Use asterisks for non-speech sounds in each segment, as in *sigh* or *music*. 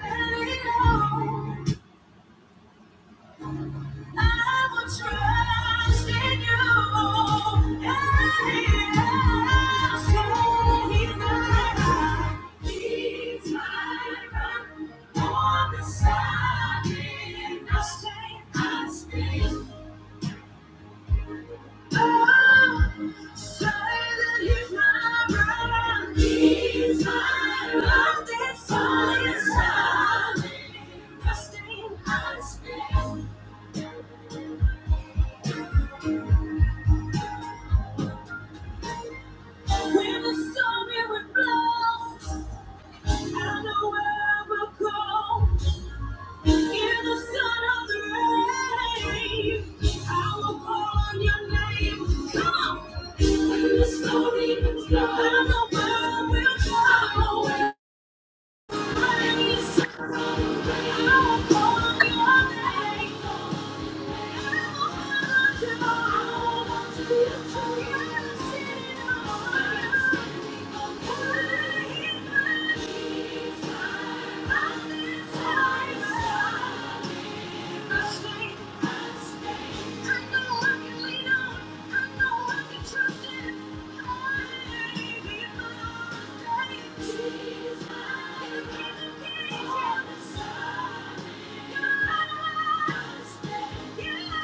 Fire solid, trusting I stand. When the storm it would blow, I know where I will go. In the sun of the rain, I will call on your name. Come on. When the storm even blows, I know where I will go. I know where I will go. I will call on your name. Please, I won't Thank you my on the Stand, I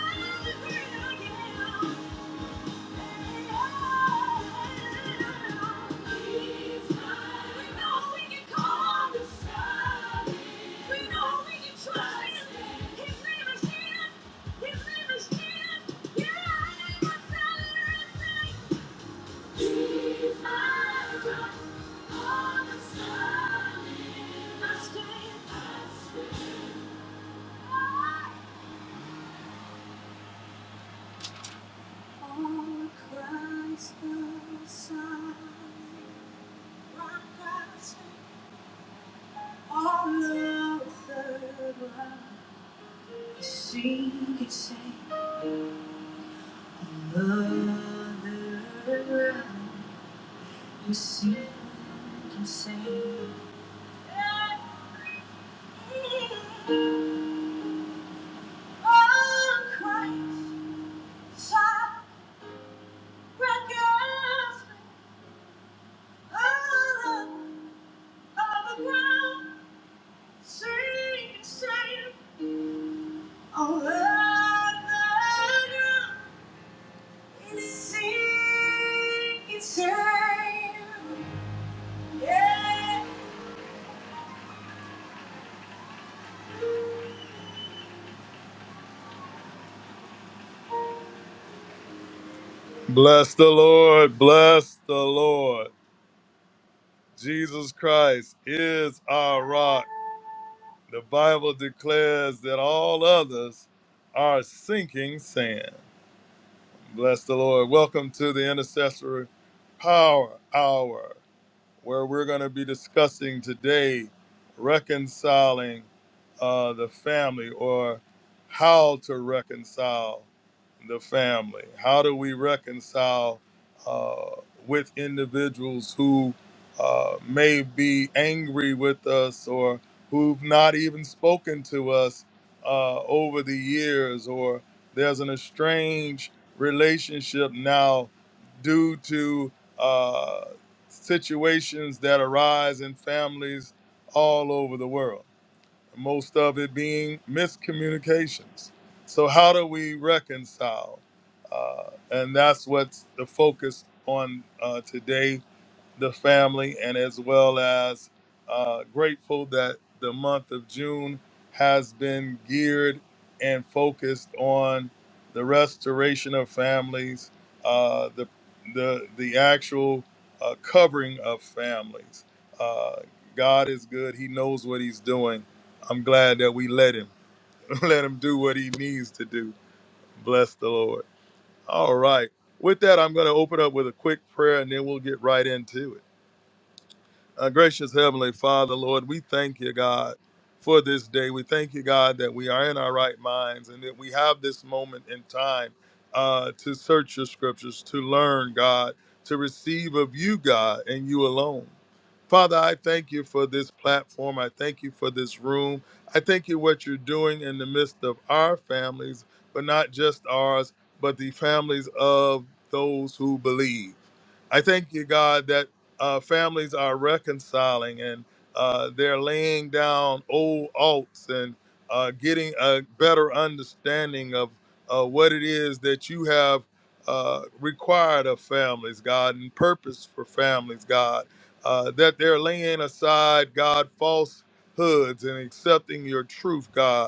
strength. my strength. On Christ the Son, rock I stand, all other ground. The sea can say mother ground. The sea can say on Christ side, rock I stand, all other ground. Yeah. Bless the Lord, bless the Lord. Jesus Christ is our rock. The Bible declares that all others are sinking sand. Bless the Lord. Welcome to the Intercessory Power Hour. where we're going to be discussing today reconciling uh, the family or how to reconcile the family. How do we reconcile uh, with individuals who uh, may be angry with us or who've not even spoken to us uh, over the years, or there's an estranged relationship now due to? uh, situations that arise in families all over the world, most of it being miscommunications. So, how do we reconcile? Uh, and that's what's the focus on uh, today the family and as well as uh, grateful that the month of June has been geared and focused on the restoration of families, uh, the, the, the actual uh, covering of families. Uh, God is good. He knows what he's doing. I'm glad that we let him, *laughs* let him do what he needs to do. Bless the Lord. All right. With that, I'm going to open up with a quick prayer and then we'll get right into it. Uh, gracious Heavenly Father, Lord, we thank you, God, for this day. We thank you, God, that we are in our right minds and that we have this moment in time uh, to search your scriptures, to learn, God, to receive of you, God, and you alone. Father, I thank you for this platform. I thank you for this room. I thank you what you're doing in the midst of our families, but not just ours, but the families of those who believe. I thank you, God, that uh, families are reconciling and uh, they're laying down old alts and uh, getting a better understanding of uh, what it is that you have uh, required of families, God, and purpose for families, God. Uh, that they're laying aside, God, falsehoods and accepting your truth, God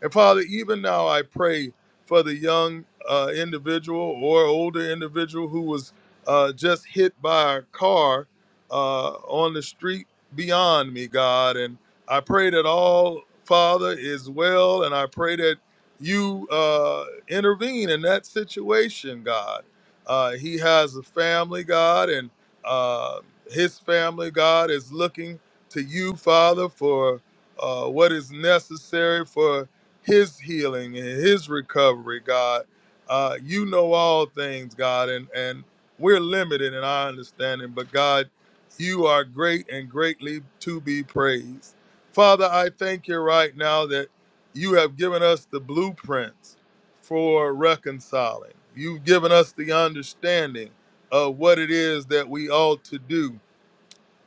and Father, even now I pray for the young uh, individual or older individual who was uh, just hit by a car uh, on the street beyond me, God. And I pray that all, Father, is well. And I pray that you uh, intervene in that situation, God. Uh, he has a family, God, and uh, his family, God, is looking to you, Father, for uh, what is necessary for his healing and his recovery, God. Uh, you know all things, God, and, and we're limited in our understanding, but God, you are great and greatly to be praised. Father, I thank you right now that you have given us the blueprints for reconciling. You've given us the understanding of what it is that we ought to do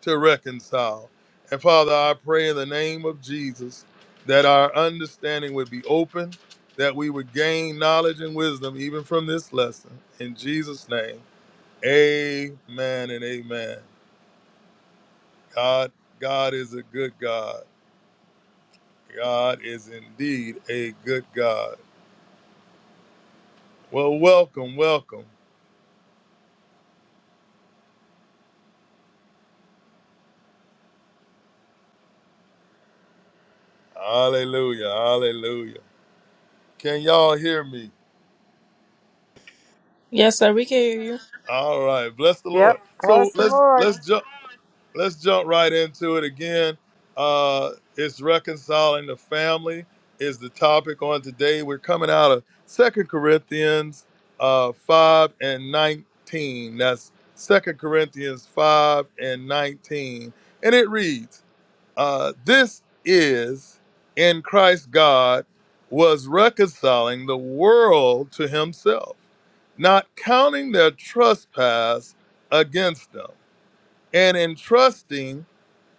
to reconcile. And Father, I pray in the name of Jesus that our understanding would be open, that we would gain knowledge and wisdom even from this lesson. In Jesus' name, amen and amen. God, God is a good God. God is indeed a good God. Well, welcome, welcome. Hallelujah, hallelujah. Can y'all hear me? Yes, sir, we can hear you. All right, bless the Yep. Lord. So Bless the let's Lord. let's jump. let's jump right into it again. Uh, it's reconciling the family is the topic on today. We're coming out of Second Corinthians uh, 5 and 19. That's Second Corinthians 5 and 19. And it reads, uh, This is in Christ God was reconciling the world to himself, not counting their trespass against them, and entrusting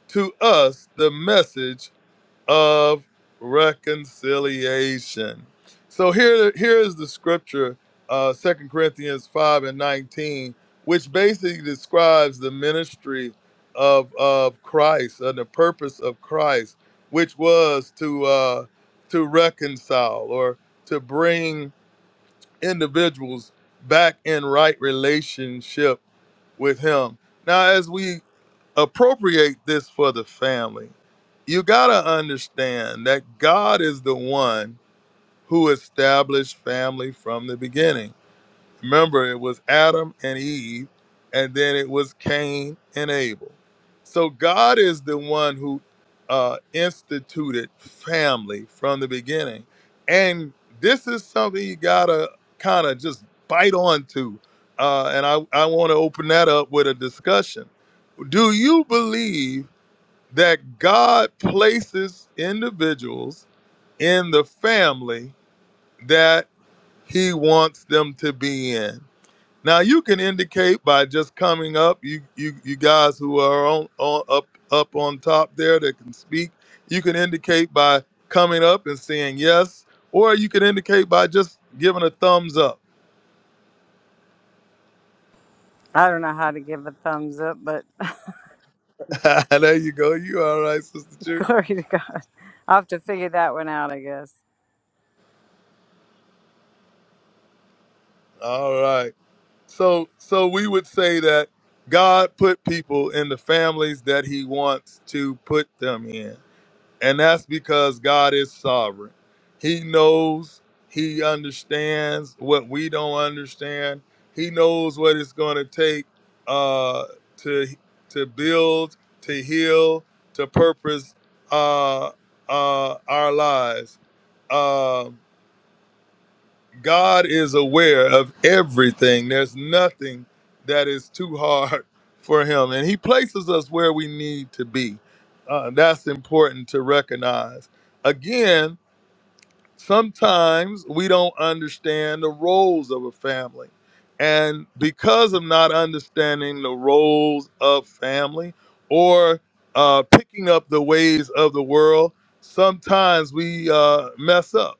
to us the message of reconciliation. So here, here is the scripture, uh, 2 Corinthians 5 and 19, which basically describes the ministry of, of Christ and the purpose of Christ, which was to, uh, to reconcile or to bring individuals back in right relationship with Him. Now, as we appropriate this for the family. You got to understand that God is the one who established family from the beginning. Remember, it was Adam and Eve, and then it was Cain and Abel. So God is the one who uh, instituted family from the beginning. And this is something you got to kind of just bite onto. Uh, and I, I want to open that up with a discussion. Do you believe? that God places individuals in the family that he wants them to be in. Now you can indicate by just coming up, you you, you guys who are on, on up up on top there that can speak, you can indicate by coming up and saying yes, or you can indicate by just giving a thumbs up. I don't know how to give a thumbs up, but *laughs* there you go. You all right, Sister *laughs* Truth? glory to God. I'll have to figure that one out, I guess. All right. So so we would say that God put people in the families that he wants to put them in. And that's because God is sovereign. He knows, he understands what we don't understand. He knows what it's going to take uh to to build, to heal, to purpose uh uh our lives. Um God is aware of everything. There's nothing that is too hard *laughs* for Him, and He places us where we need to be. Uh, that's important to recognize. Again, sometimes we don't understand the roles of a family. And because of not understanding the roles of family or uh, picking up the ways of the world, sometimes we uh, mess up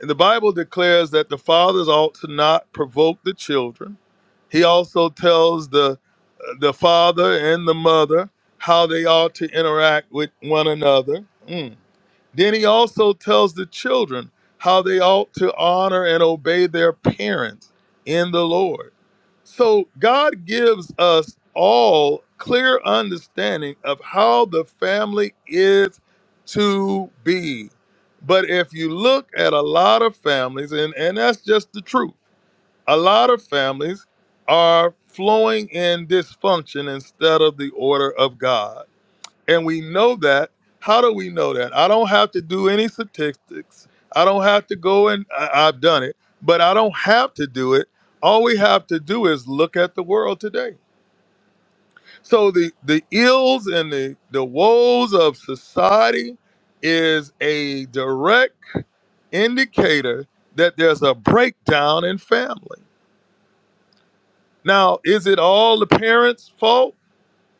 and the Bible declares that the fathers ought to not provoke the children. He also tells the the father and the mother how they ought to interact with one another. Mm. Then he also tells the children how they ought to honor and obey their parents in the Lord. So God gives us all clear understanding of how the family is to be. But if you look at a lot of families, and, and that's just the truth, a lot of families are flowing in dysfunction instead of the order of God. And we know that. How do we know that? I don't have to do any statistics. I don't have to go and I, I've done it, but I don't have to do it. All we have to do is look at the world today. So the the ills and the the woes of society is a direct indicator that there's a breakdown in family. Now, is it all the parents' fault?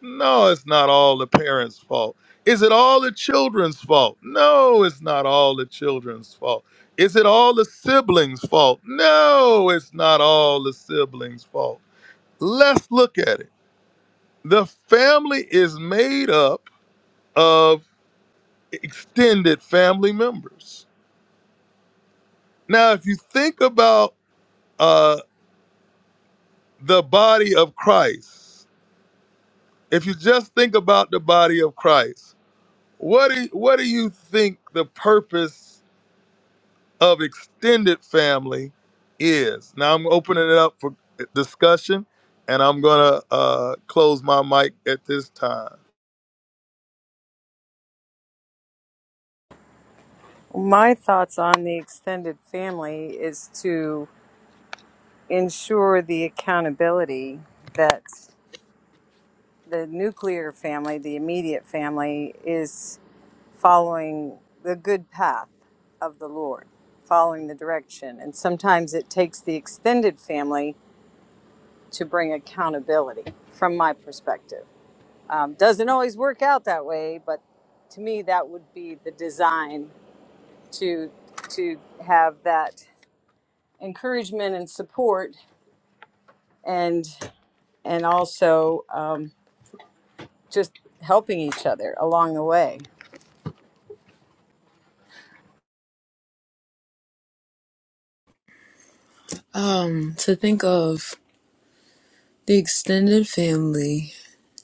No, it's not all the parents' fault. Is it all the children's fault? No, it's not all the children's fault. Is it all the siblings' fault? No, it's not all the siblings' fault. Let's look at it. The family is made up of extended family members. Now, if you think about uh, the body of Christ, if you just think about the body of Christ, what do, what do you think the purpose of extended family is. Now I'm opening it up for discussion and I'm going to uh, close my mic at this time. My thoughts on the extended family is to ensure the accountability that the nuclear family, the immediate family, is following the good path of the Lord, following the direction. And sometimes it takes the extended family to bring accountability from my perspective. Um, doesn't always work out that way, but to me, that would be the design to to have that encouragement and support, and and also um, just helping each other along the way. Um, to think of the extended family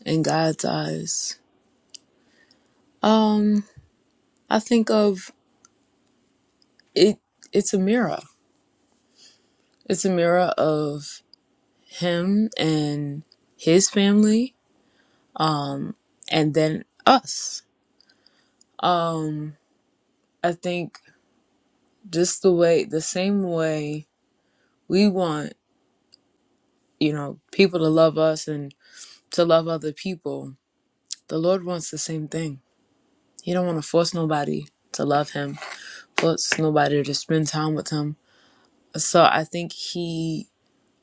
in God's eyes. Um, I think of it it's a mirror. It's a mirror of him and his family and then us. Um, I think just the way the same way we want, you know, people to love us and to love other people. The Lord wants the same thing. He don't want to force nobody to love him puts nobody to spend time with him. So I think he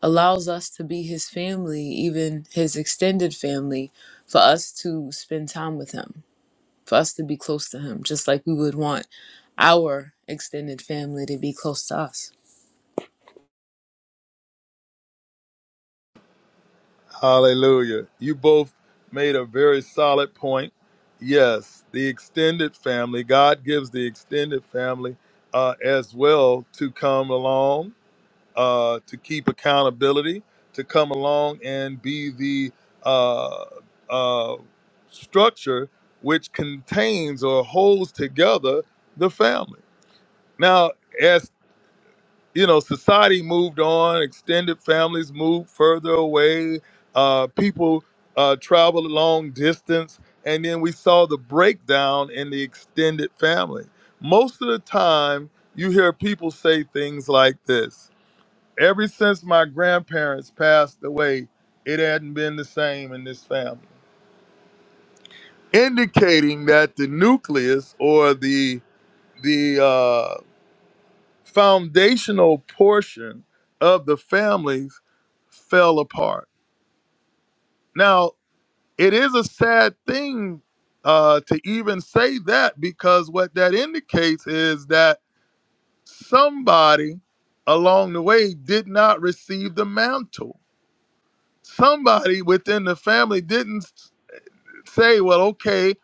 allows us to be his family, even his extended family, for us to spend time with him, for us to be close to him, just like we would want our extended family to be close to us. Hallelujah. You both made a very solid point. Yes, the extended family, God gives the extended family uh, as well to come along uh, to keep accountability, to come along and be the uh, uh, structure which contains or holds together the family. Now, as you know, society moved on, extended families moved further away, uh, people uh, traveled a long distance, and then we saw the breakdown in the extended family. Most of the time, you hear people say things like this Ever since my grandparents passed away, it hadn't been the same in this family, indicating that the nucleus or the the uh, foundational portion of the families fell apart. Now, it is a sad thing uh, to even say that because what that indicates is that somebody along the way did not receive the mantle somebody within the family didn't s- say, well, okay,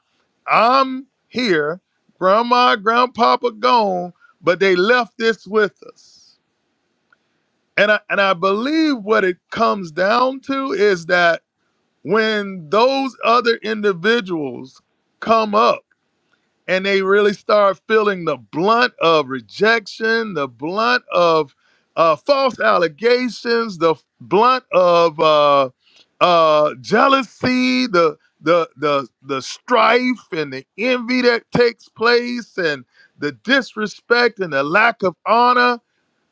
I'm here, grandma, grandpapa gone, but they left this with us. And I, and I believe what it comes down to is that when those other individuals come up, and they really start feeling the blunt of rejection, the blunt of uh, false allegations, the blunt of uh, uh, jealousy, the the the the strife and the envy that takes place, and the disrespect and the lack of honor.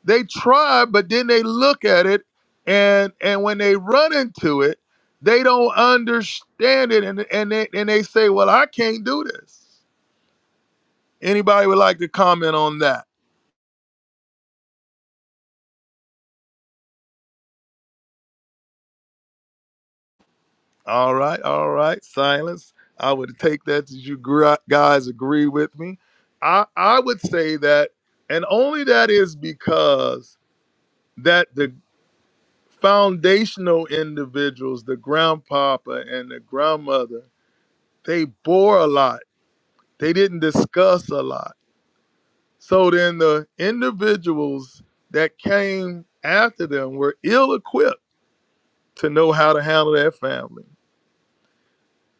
They try, but then they look at it, and and when they run into it, they don't understand it, and and they and they say, "Well, I can't do this." Anybody would like to comment on that? All right, all right. Silence. I would take that as you gr- guys agree with me. I I would say that, and only that is because that the foundational individuals, the grandpapa and the grandmother, they bore a lot. They didn't discuss a lot. So then the individuals that came after them were ill equipped to know how to handle their family.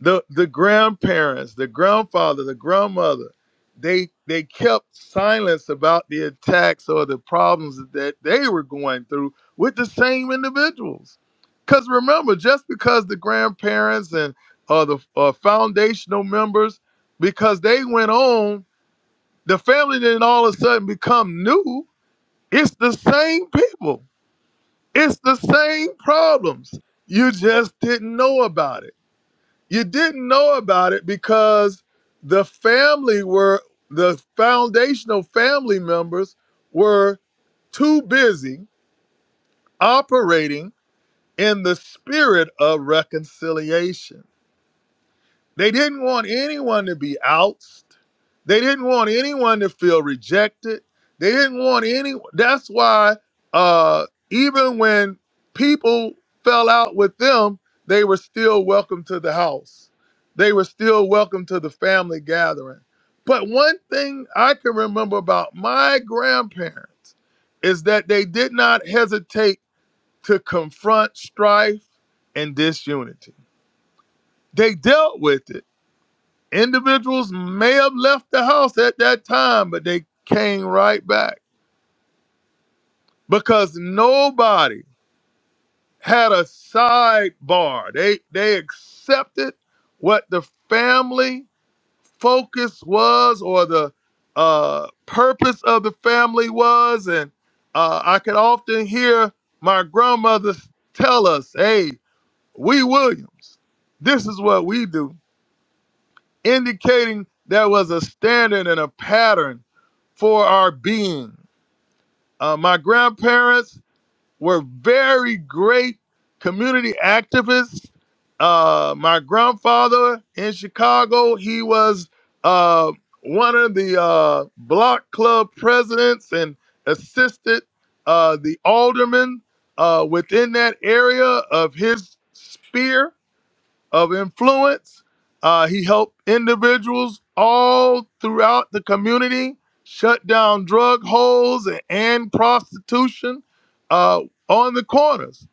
the the grandparents, the grandfather, the grandmother, they they kept silence about the attacks or the problems that they were going through with the same individuals. Because remember, just because the grandparents and uh, the uh, foundational members, because they went on, the family didn't all of a sudden become new. It's the same people. It's the same problems. You just didn't know about it you didn't know about it because the family were the foundational family members were too busy operating in the spirit of reconciliation they didn't want anyone to be ousted. They didn't want anyone to feel rejected. They didn't want any. That's why uh, even when people fell out with them, they were still welcome to the house. They were still welcome to the family gathering. But one thing I can remember about my grandparents is that they did not hesitate to confront strife and disunity. They dealt with it Individuals may have left the house at that time, but they came right back because nobody had a sidebar. They they accepted what the family focus was or the uh, purpose of the family was, and uh, I could often hear my grandmother tell us, "Hey, we Williams, this is what we do." indicating there was a standard and a pattern for our being. Uh, my grandparents were very great community activists. Uh, my grandfather in Chicago, he was uh, one of the uh, block club presidents and assisted uh, the alderman uh, within that area of his sphere of influence. Uh, he helped individuals all throughout the community shut down drug holes and, and prostitution uh, on the corners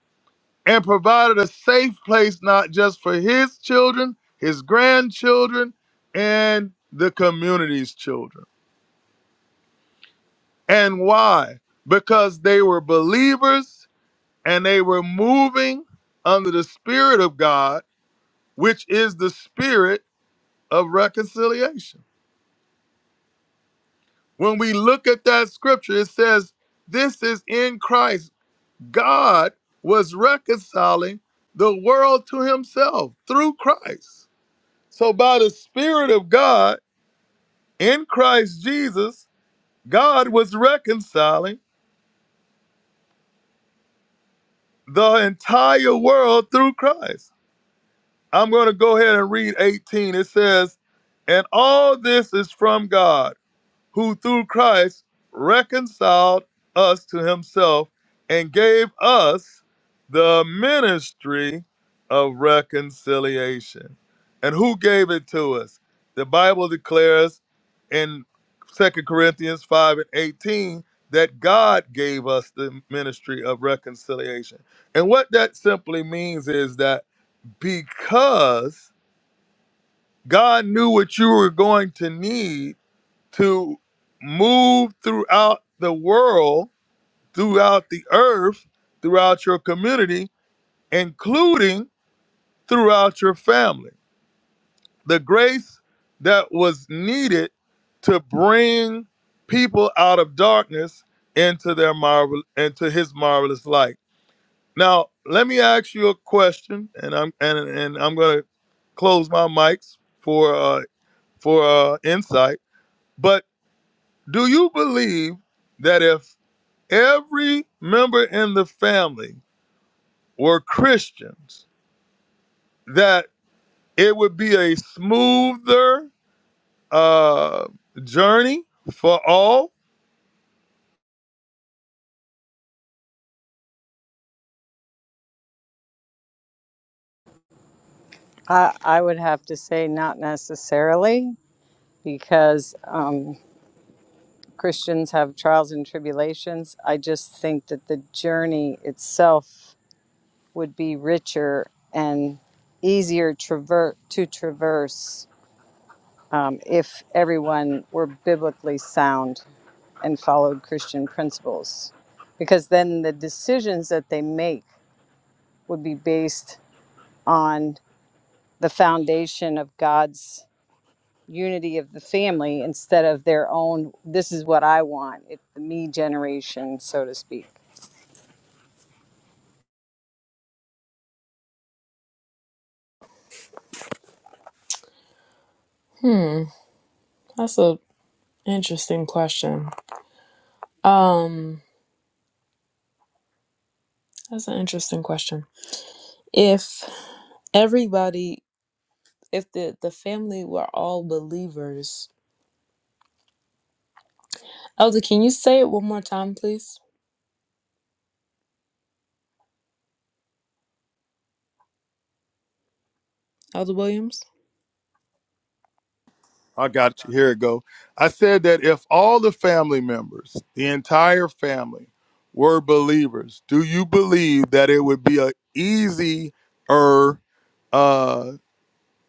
and provided a safe place not just for his children, his grandchildren, and the community's children. And why? Because they were believers and they were moving under the Spirit of God, which is the Spirit of reconciliation. When we look at that scripture, it says, This is in Christ. God was reconciling the world to himself through Christ. So, by the Spirit of God in Christ Jesus, God was reconciling the entire world through Christ. I'm going to go ahead and read 18. It says, And all this is from God who through Christ reconciled us to himself and gave us the ministry of reconciliation. And who gave it to us? The Bible declares in Second Corinthians 5 and 18 that God gave us the ministry of reconciliation. And what that simply means is that because God knew what you were going to need to move throughout the world, throughout the earth, throughout your community, including throughout your family. The grace that was needed to bring people out of darkness into their marvel into his marvelous light. Now, let me ask you a question and I'm and, and I'm going to close my mics for uh for uh insight, but do you believe that if every member in the family were Christians, that it would be a smoother uh, journey for all. I, I would have to say not necessarily because um, Christians have trials and tribulations. I just think that the journey itself would be richer and easier traver- to traverse um, if everyone were biblically sound and followed Christian principles, because then the decisions that they make would be based on the foundation of God's unity of the family instead of their own, this is what I want, it, the me generation, so to speak. Hmm, that's a interesting question. Um, that's an interesting question. If everybody, if the the family were all believers, Elder, can you say it one more time, please, Elder Williams? I got you. Here it go. I said that if all the family members, the entire family, were believers, do you believe that it would be a easier uh,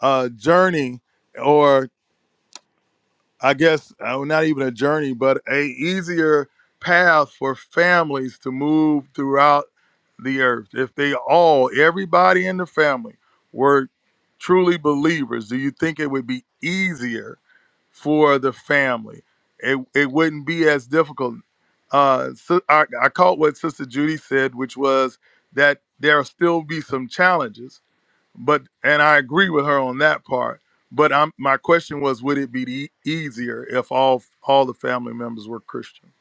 uh, journey or I guess uh, well, not even a journey, but a easier path for families to move throughout the earth. If they all, everybody in the family, were truly believers, do you think it would be easier for the family? It it wouldn't be as difficult. Uh, so I, I caught what Sister Judy said, which was that there'll still be some challenges but and I agree with her on that part. But I'm, my question was, would it be e- easier if all all the family members were Christian?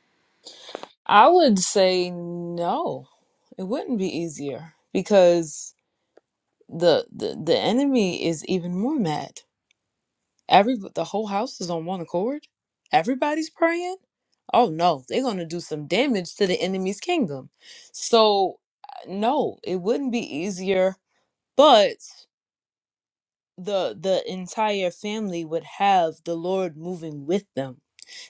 I would say no. It wouldn't be easier because the the, the enemy is even more mad. Every the whole house is on one accord. Everybody's praying. Oh no, they're going to do some damage to the enemy's kingdom. So uh, no, it wouldn't be easier, but the the entire family would have the Lord moving with them.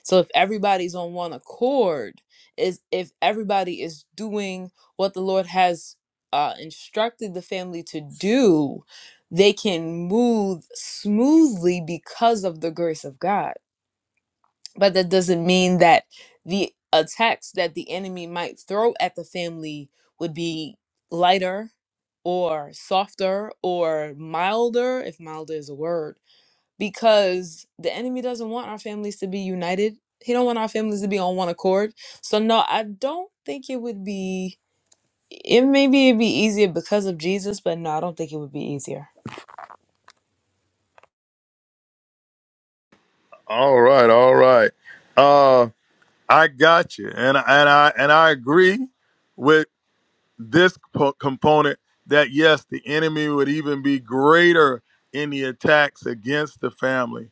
So if everybody's on one accord, is if everybody is doing what the Lord has uh, instructed the family to do, they can move smoothly because of the grace of God but that doesn't mean that the attacks that the enemy might throw at the family would be lighter or softer or milder, if milder is a word, because the enemy doesn't want our families to be united. He don't want our families to be on one accord. So no, I don't think it would be. It maybe it'd be easier because of Jesus, but no, I don't think it would be easier. All right, all right. Uh, I got you, and and I and I agree with this po- component that yes, the enemy would even be greater in the attacks against the family.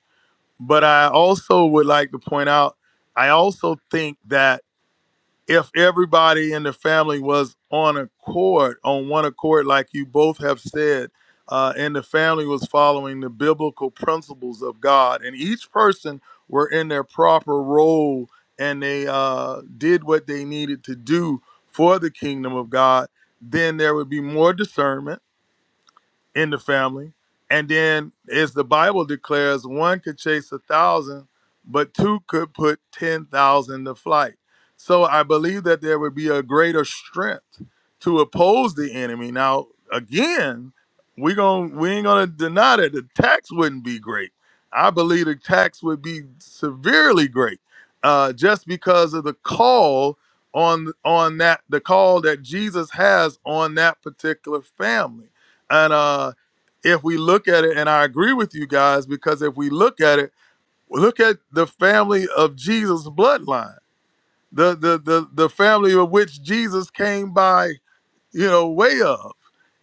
But I also would like to point out, I also think that if everybody in the family was on accord, on one accord, like you both have said, uh, and the family was following the biblical principles of God, and each person were in their proper role and they uh, did what they needed to do for the kingdom of God, then there would be more discernment in the family. And then, as the Bible declares, one could chase a thousand, but two could put 10,000 to flight. So I believe that there would be a greater strength to oppose the enemy. Now, again, we gon' we ain't gonna deny that the tax wouldn't be great. I believe the tax would be severely great, uh, just because of the call on on that the call that Jesus has on that particular family and uh, if we look at it, and I agree with you guys, because if we look at it, look at the family of Jesus' bloodline, the the the, the family of which Jesus came by, you know, way of.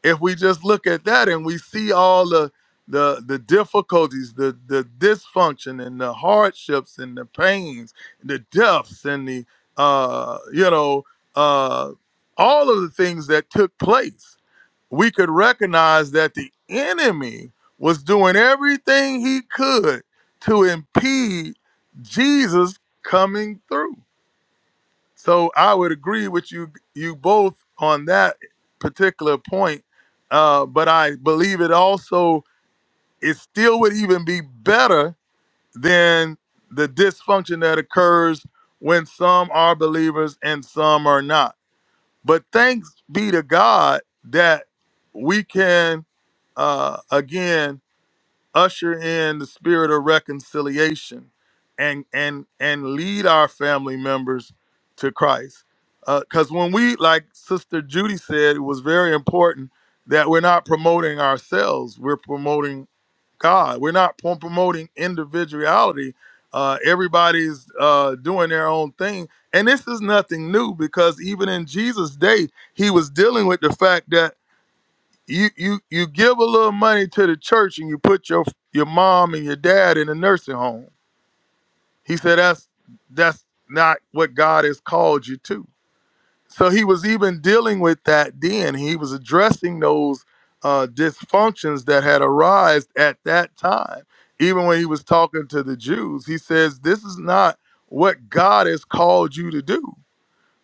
If we just look at that and we see all the the the difficulties, the the dysfunction and the hardships and the pains, the deaths and the uh, you know, uh, all of the things that took place we could recognize that the enemy was doing everything he could to impede Jesus coming through. So I would agree with you you both on that particular point. Uh, but I believe it also it still would even be better than the dysfunction that occurs when some are believers and some are not. But thanks be to God that we can uh, again usher in the spirit of reconciliation and and and lead our family members to christ because when we like sister judy said it was very important that we're not promoting ourselves we're promoting god we're not pro- promoting individuality uh, everybody's uh, doing their own thing and this is nothing new because even in jesus day he was dealing with the fact that you you you give a little money to the church and you put your your mom and your dad in a nursing home. He said that's that's not what God has called you to. So he was even dealing with that then. He was addressing those uh, dysfunctions that had arisen at that time. Even when he was talking to the Jews, he says, "This is not what God has called you to do."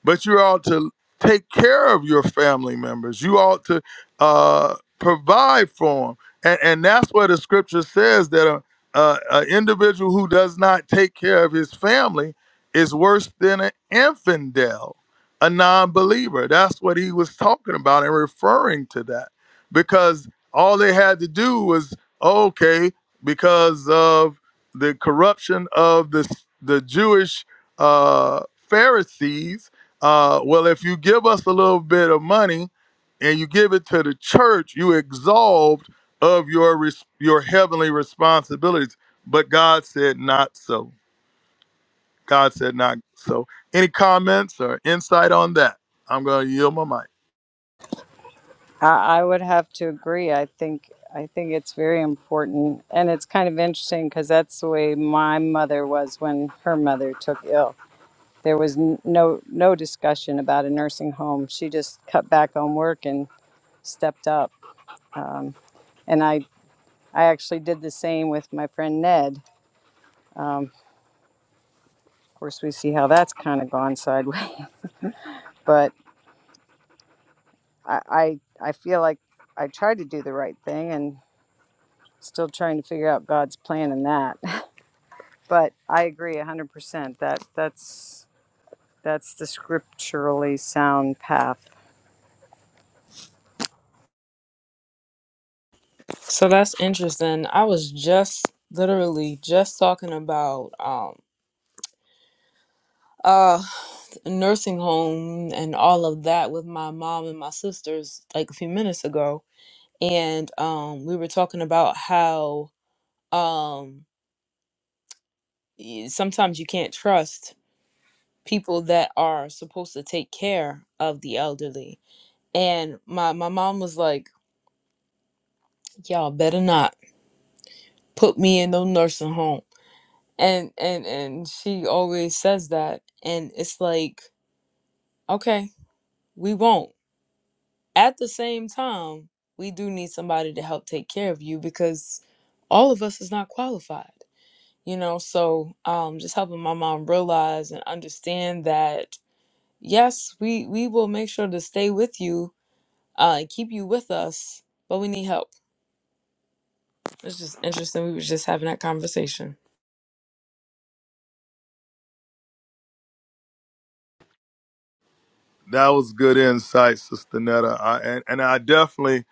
but you ought to take care of your family members. You ought to uh, provide for them, and and that's what the scripture says that a, a, individual who does not take care of his family is worse than an infidel, a non-believer. That's what he was talking about and referring to that, because all they had to do was okay because of the corruption of the the Jewish uh, Pharisees uh, well, if you give us a little bit of money and you give it to the church, you absolved of your res- your heavenly responsibilities. But God said not so. God said not so. Any comments or insight on that? I'm going to yield my mic. I, I would have to agree. I think. I think it's very important, and it's kind of interesting because that's the way my mother was when her mother took ill There was n- no no discussion about a nursing home. She just cut back on work and stepped up. Um, and I I actually did the same with my friend Ned. Um, of course, we see how that's kind of gone sideways. *laughs* But I, I I feel like I tried to do the right thing and still trying to figure out God's plan in that. *laughs* But I agree 100%. That that's that's the scripturally sound path. So that's interesting. I was just literally just talking about um, uh nursing home and all of that with my mom and my sisters like a few minutes ago and um we were talking about how um y- sometimes you can't trust people that are supposed to take care of the elderly and my my mom was like y'all better not put me in no nursing home and and and she always says that and it's like okay we won't At the same time, we do need somebody to help take care of you because all of us is not qualified, you know. So um, just helping my mom realize and understand that yes, we we will make sure to stay with you uh, and keep you with us, but we need help. It's just interesting. We were just having that conversation. That was good insight, Sister Netta. I, and, and I definitely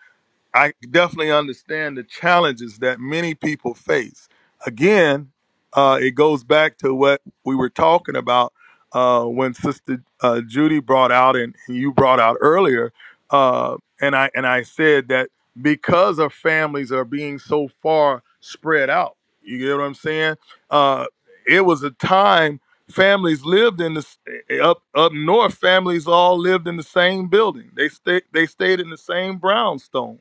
I definitely understand the challenges that many people face. Again, uh, it goes back to what we were talking about uh, when Sister uh, Judy brought out and you brought out earlier, uh, and I and I said that because our families are being so far spread out. You get what I'm saying? Uh, it was a time families lived in this up up north. Families all lived in the same building. They stayed they stayed in the same brownstone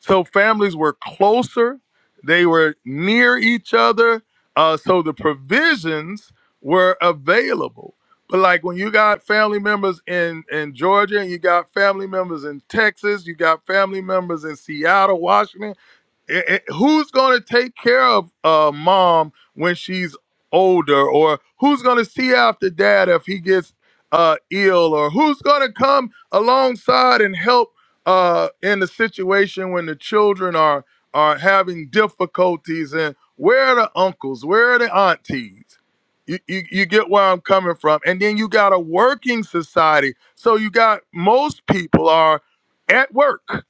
so families were closer, they were near each other. Uh, so the provisions were available. But like when you got family members in in Georgia, and you got family members in Texas, you got family members in Seattle, Washington it- it- who's going to take care of uh, mom when she's older or who's going to see after dad if he gets uh, ill or who's going to come alongside and help uh, in the situation when the children are are having difficulties and where are the uncles where are the aunties you, you, you get where i'm coming from and then you got a working society so you got most people are at work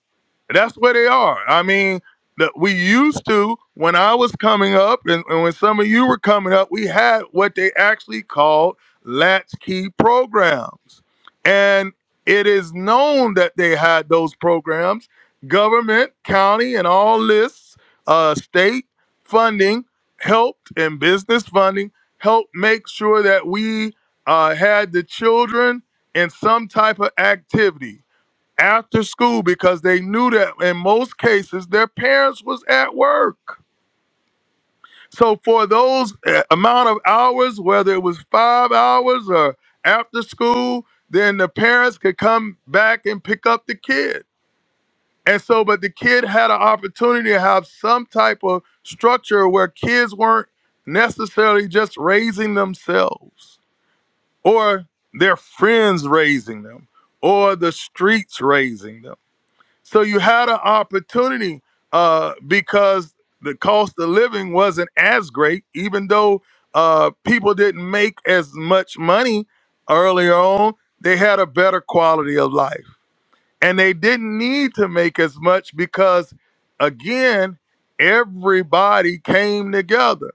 that's where they are. I mean, the, we used to when I was coming up, and, and when some of you were coming up, we had what they actually called latchkey programs, and it is known that they had those programs. Government, county, and all this uh, state funding helped, and business funding helped make sure that we uh, had the children in some type of activity after school because they knew that in most cases their parents was at work. So for those uh, amount of hours, whether it was five hours or after school, then the parents could come back and pick up the kid. And so, but the kid had an opportunity to have some type of structure where kids weren't necessarily just raising themselves or their friends raising them or the streets raising them So you had an opportunity uh, because the cost of living wasn't as great, even though uh, people didn't make as much money earlier on. They had a better quality of life, and they didn't need to make as much because, again, everybody came together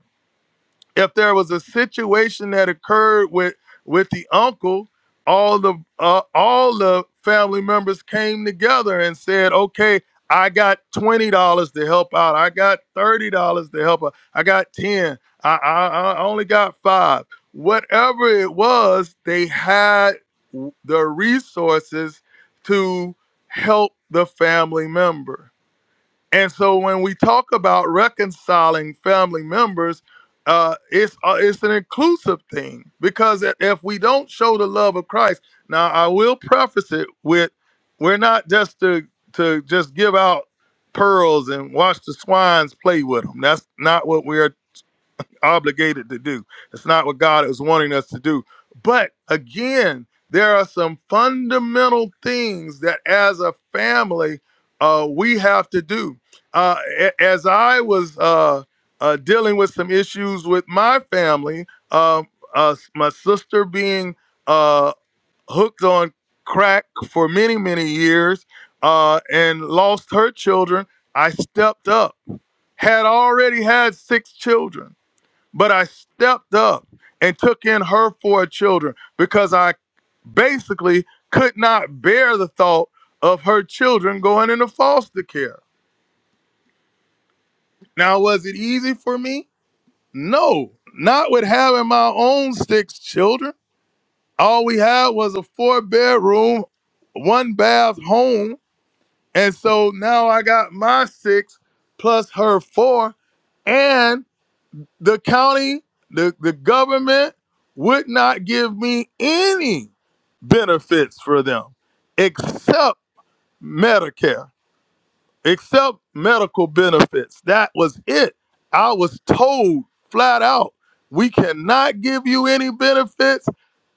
if there was a situation that occurred with with the uncle all the uh, all the family members came together and said okay i got $20 to help out i got $30 to help out i got 10 i i, I only got 5 whatever it was they had the resources to help the family member and so when we talk about reconciling family members, uh, it's uh, it's an inclusive thing because i- if we don't show the love of Christ, now I will preface it with, we're not just to to just give out pearls and watch the swines play with them. That's not what we're obligated to do. It's not what God is wanting us to do. But again, there are some fundamental things that as a family uh, we have to do. Uh, a- as I was uh, uh, dealing with some issues with my family, um, uh, my sister being uh, hooked on crack for many, many years uh, and lost her children, I stepped up, had already had six children but I stepped up and took in her four children because I basically could not bear the thought of her children going into foster care. Now, was it easy for me? No, not with having my own six children. All we had was a four bedroom, one bath home. And so now I got my six plus her four. and. the county, the, the government would not give me any benefits for them except Medicare except medical benefits. That was it. I was told flat out, we cannot give you any benefits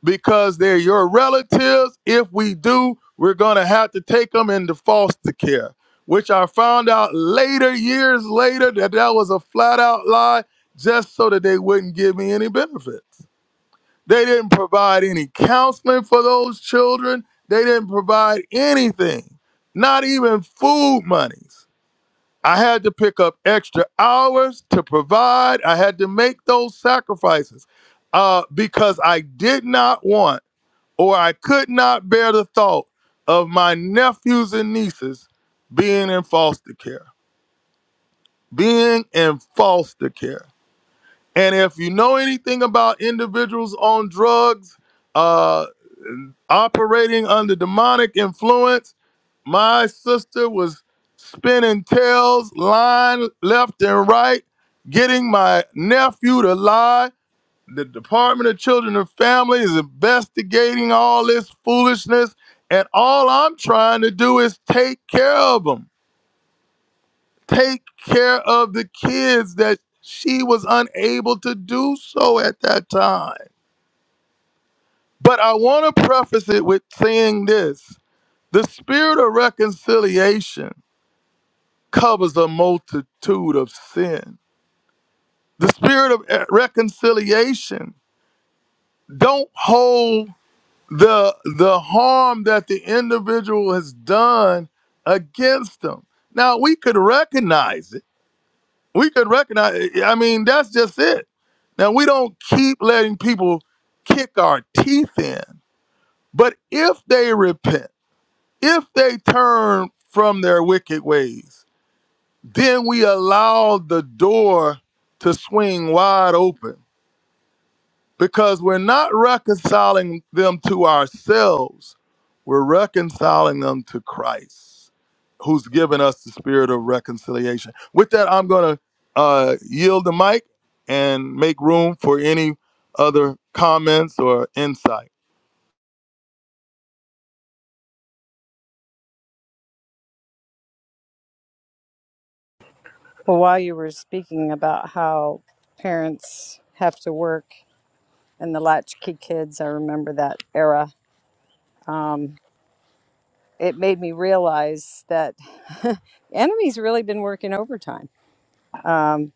because they're your relatives. If we do, we're going to have to take them into foster care, which I found out later, years later, that that was a flat out lie just so that they wouldn't give me any benefits. They didn't provide any counseling for those children. They didn't provide anything, not even food monies. I had to pick up extra hours to provide. I had to make those sacrifices uh, because I did not want or I could not bear the thought of my nephews and nieces being in foster care, being in foster care. And if you know anything about individuals on drugs, uh, operating under demonic influence, my sister was spinning tails, lying left and right, getting my nephew to lie. The Department of Children and Family is investigating all this foolishness, and all I'm trying to do is take care of them take care of the kids that she was unable to do so at that time. But I want to preface it with saying this the spirit of reconciliation covers a multitude of sin. The spirit of eh, reconciliation don't hold the the harm that the individual has done against them. Now we could recognize it We could recognize. eh, I mean, that's just it. Now we don't keep letting people kick our teeth in. But if they repent, if they turn from their wicked ways, then we allow the door to swing wide open because we're not reconciling them to ourselves. We're reconciling them to Christ, who's given us the spirit of reconciliation. With that, I'm going to uh, yield the mic and make room for any other comments or insight. Well, while you were speaking about how parents have to work and the latchkey kids, I remember that era. Um, it made me realize that *laughs* enemy's really been working overtime. Um,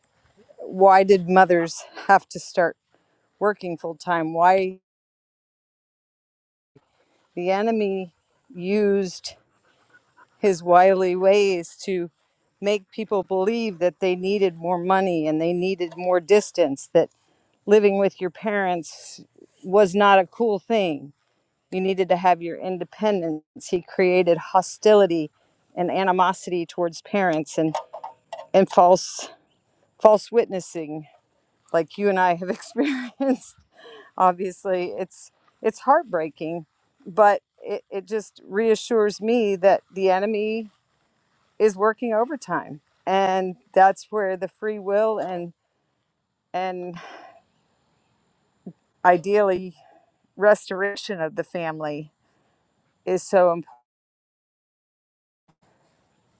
why did mothers have to start working full time? Why the enemy used his wily ways to make people believe that they needed more money and they needed more distance, That living with your parents was not a cool thing. You needed to have your independence. He created hostility and animosity towards parents and, and false false witnessing like you and I have *laughs* experienced. Obviously, it's it's heartbreaking, but it, it just reassures me that the enemy is working overtime. And that's where the free will and and ideally restoration of the family is so important.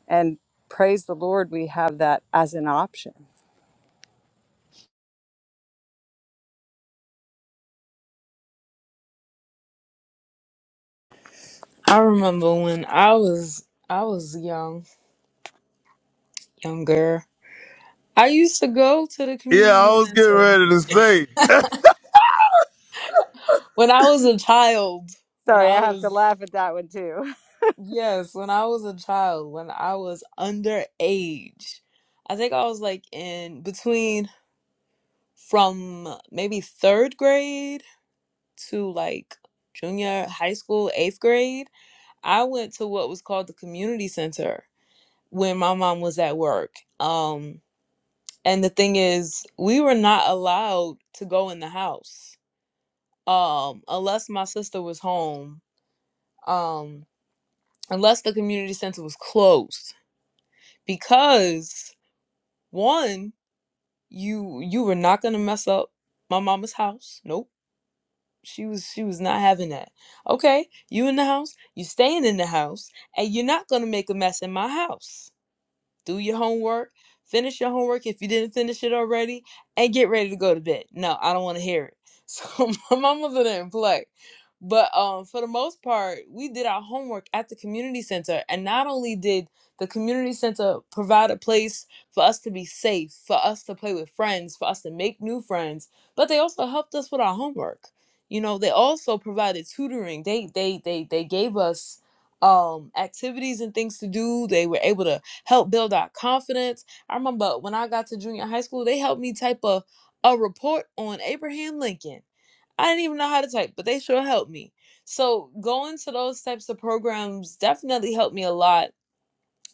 And praise the Lord, we have that as an option. I remember when I was I was young, younger. I used to go to the Yeah, I community was getting center ready to say. when I was a child. When Sorry, I I have to was laugh at that one too. *laughs* Yes, when I was a child, when I was underage, I think I was like in between from maybe third grade to like junior high school, eighth grade. I went to what was called the community center when my mom was at work. Um, and the thing is, we were not allowed to go in the house, um, unless my sister was home, um, unless the community center was closed because One, you you were not gonna mess up my mama's house. Nope. She was she was not having that. Okay, you in the house, you staying in the house, and you're not gonna make a mess in my house do your homework, finish your homework if you didn't finish it already, and get ready to go to bed. No, I don't want to hear it. *laughs* So my mama didn't play. But um, for the most part, we did our homework at the community center. And not only did the community center provide a place for us to be safe, for us to play with friends, for us to make new friends, but they also helped us with our homework. You know, they also provided tutoring. They they they they gave us um activities and things to do. They were able to help build our confidence. I remember when I got to junior high school, they helped me type a, a report on Abraham Lincoln. I didn't even know how to type, but they sure helped me. So going to those types of programs definitely helped me a lot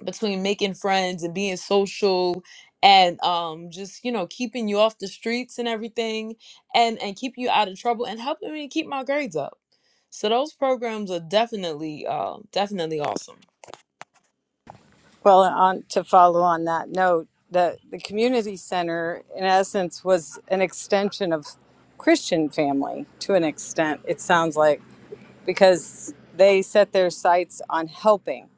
between making friends and being social and um just you know keeping you off the streets and everything and and keeping you out of trouble and helping me keep my grades up so those programs are definitely uh definitely awesome Well, on to follow on that note, the, the community center, in essence, was an extension of Christian family to an extent, it sounds like, because they set their sights on helping,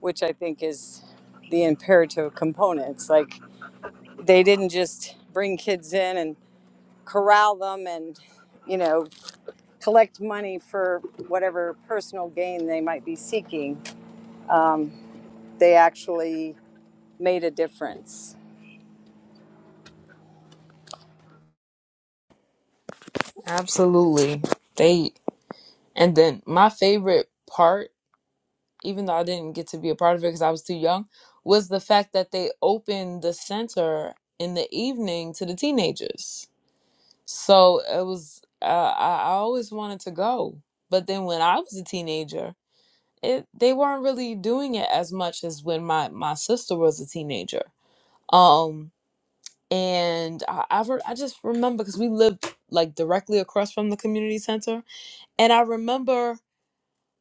which I think is the imperative components. Like, they didn't just bring kids in and corral them and, you know, collect money for whatever personal gain they might be seeking, they actually made a difference. absolutely they And then my favorite part, even though I didn't get to be a part of it because I was too young, was the fact that they opened the center in the evening to the teenagers. So it was, uh, I, I always wanted to go. But then when I was a teenager, it they weren't really doing it as much as when my, my sister was a teenager. Um, and I, I, re- I just remember because we lived like directly across from the community center. And I remember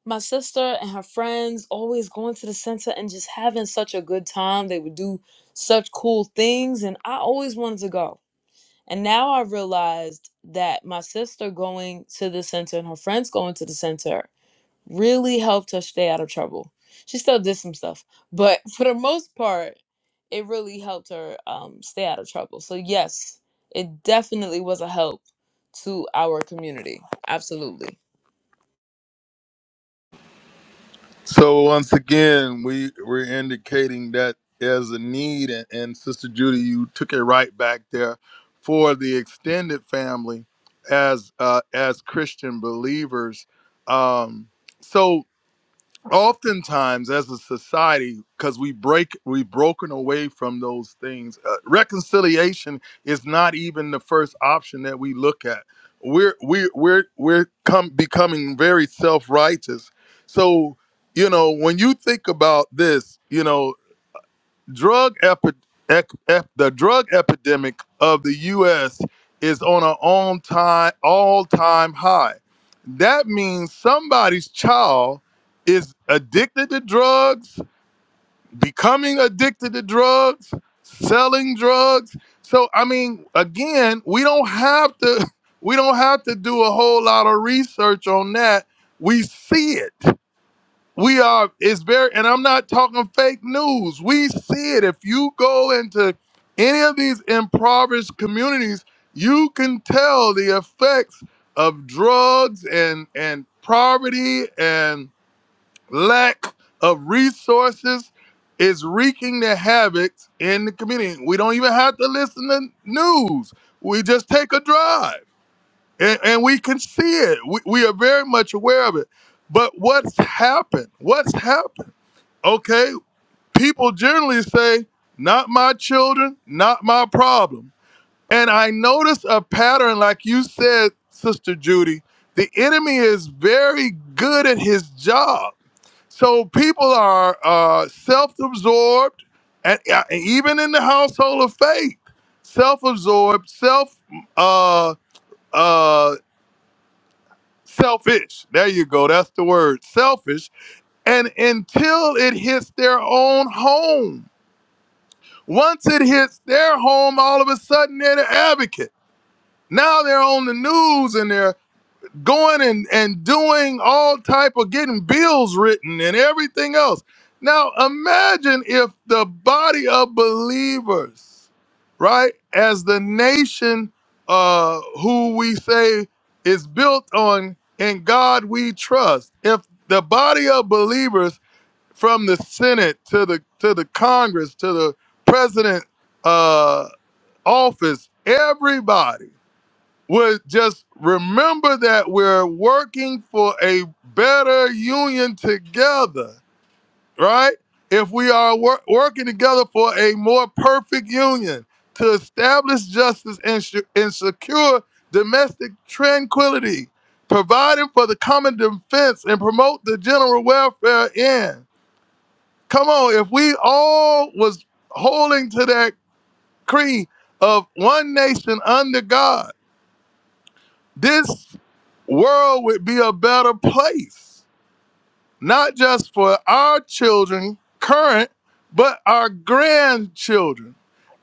my sister and her friends always going to the center and just having such a good time. They would do such cool things, and I always wanted to go. And now I realized that my sister going to the center and her friends going to the center really helped her stay out of trouble. She still did some stuff, but *laughs* for the most part, it really helped her um, stay out of trouble. So, yes, it definitely was a help to our community. Absolutely. So once again, we we're indicating that there's a need, and, and Sister Judy, you took it right back there for the extended family as uh, as Christian believers. Um, so oftentimes as a society because we break we've broken away from those things uh, reconciliation is not even the first option that we look at we're we're we're we're come becoming very self-righteous so you know when you think about this you know drug epi- ec- ep- the drug epidemic of the U.S. is on an all time all time high. That means somebody's child is addicted to drugs, becoming addicted to drugs, selling drugs. So I mean, again, we don't have to *laughs* we don't have to do a whole lot of research on that. We see it. We are, it's very, and I'm not talking fake news. We see it. If you go into any of these impoverished communities, you can tell the effects of drugs and, and poverty and lack of resources is wreaking their havocs in the community. We don't even have to listen to news. We just take a drive and, and we can see it. We, we are very much aware of it. But what's happened? What's happened? okay, people generally say, not my children, not my problem. And I notice a pattern, like you said, Sister Judy, the enemy is very good at his job. So people are uh, self absorbed, and, uh, even in the household of faith, self absorbed, self. Uh, uh, Selfish. There you go. That's the word. Selfish. And until it hits their own home, Once it hits their home, all of a sudden they're the advocate. Now they're on the news and they're going and, and doing all type of getting bills written and everything else. Now imagine if the body of believers, right, as the nation uh, who we say is built on in God we trust, if the body of believers from the Senate to the to the Congress to the president uh, office, everybody would just remember that we're working for a better union together, right? If we are wor- working together for a more perfect union to establish justice and, su- and secure domestic tranquility, providing for the common defense and promote the general welfare in. Come on, if we all was holding to that creed of one nation under God, this world would be a better place, not just for our children, current, but our grandchildren.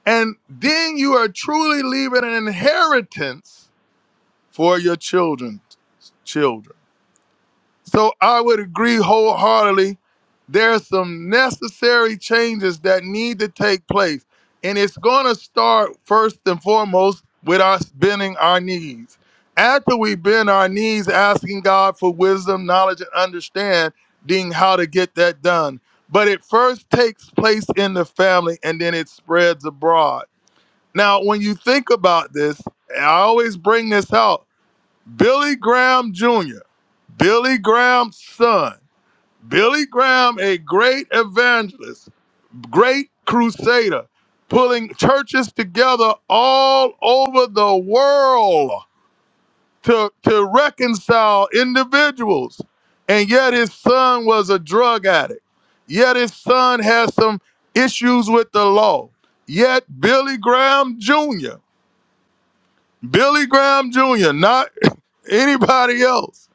And then you are truly leaving an inheritance for your children's children. So I would agree wholeheartedly. There's some necessary changes that need to take place. And it's going to start first and foremost with us bending our knees. After we bend our knees, asking God for wisdom, knowledge, and understanding how to get that done. But it first takes place in the family and then it spreads abroad. Now, when you think about this, I always bring this out Billy Graham Jr., Billy Graham's son, Billy Graham, a great evangelist, great crusader, pulling churches together all over the world to, to reconcile individuals. And yet his son was a drug addict. Yet his son has some issues with the law. Yet Billy Graham Jr., Billy Graham Jr., not anybody else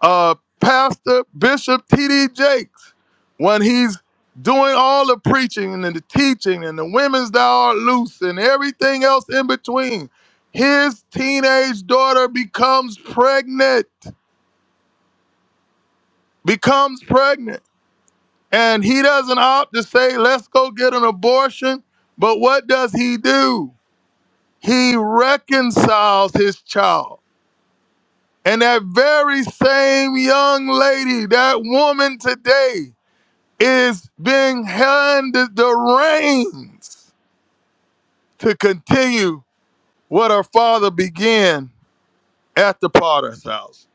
uh, Pastor Bishop T.D. Jakes when he's doing all the preaching and the teaching and the women's that are loose and everything else in between. His teenage daughter becomes pregnant, becomes pregnant, and he doesn't opt to say, let's go get an abortion. But what does he do? He reconciles his child. And that very same young lady, that woman today, is being handed the reins to continue what our father began at the potter's house.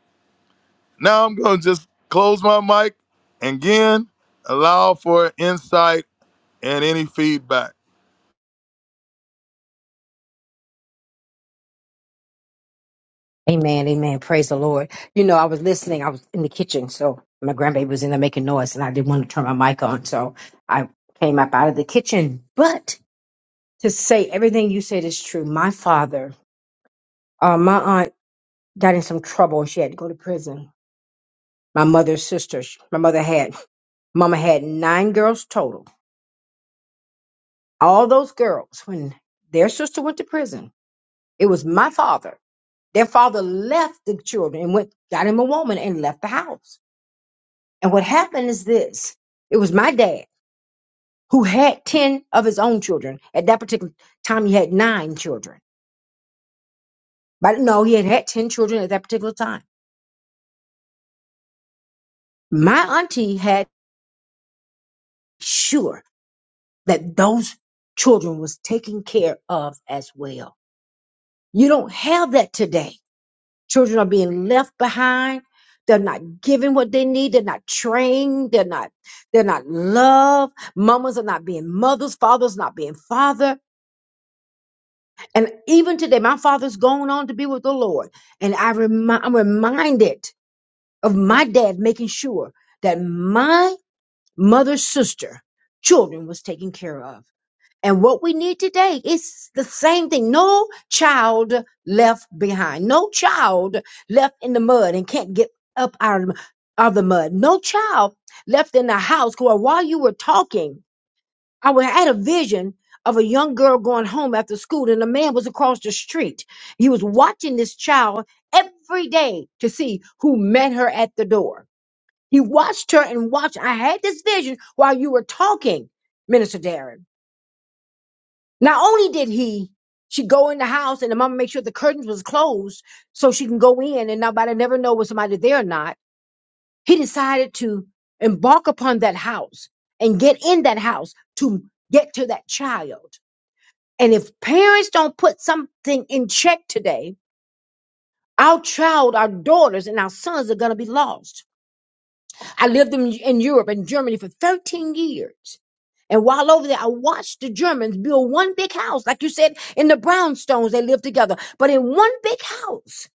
Now I'm going to just close my mic and again allow for insight and any feedback. Amen, amen. Praise the Lord. You know, I was listening. I was in the kitchen, so my grandbaby was in there making noise, and I didn't want to turn my mic on, so I came up out of the kitchen. But to say everything you said is true. My father, uh, my aunt got in some trouble, and she had to go to prison. My mother's sister, sh- my mother had, mama had nine girls total. All those girls, when their sister went to prison, it was my father. Their father left the children and went, got him a woman and left the house And what happened is this it was my dad who had 10 of his own children. At that particular time, he had nine children. But no, he had had 10 children at that particular time. My auntie had sure that those children was taken care of as well. You don't have that today. Children are being left behind. They're not given what they need. They're not trained. They're not, they're not loved. Mamas are not being mothers. Fathers not being father And even today, my father's gone on to be with the Lord. And I remi- I'm reminded of my dad making sure that my mother's sister children was taken care of. And what we need today is the same thing. No child left behind. No child left in the mud and can't get up out of, the- of the mud. No child left in the house where while you were talking I wa- had a vision of a young girl going home after school, and a man was across the street. He was watching this child every day to see who met her at the door. He watched her and watched. I had this vision while you were talking, Minister Darren. Not only did he, she go in the house and the mama make sure the curtains was closed so she can go in and nobody never know was somebody there or not. He decided to embark upon that house and get in that house to get to that child And if parents don't put something in check today, our child, our daughters, and our sons are going to be lost. I lived in, in Europe in Germany for 13 years. And while over there, I watched the Germans build one big house. Like you said, in the brownstones, they lived together. But in one big house,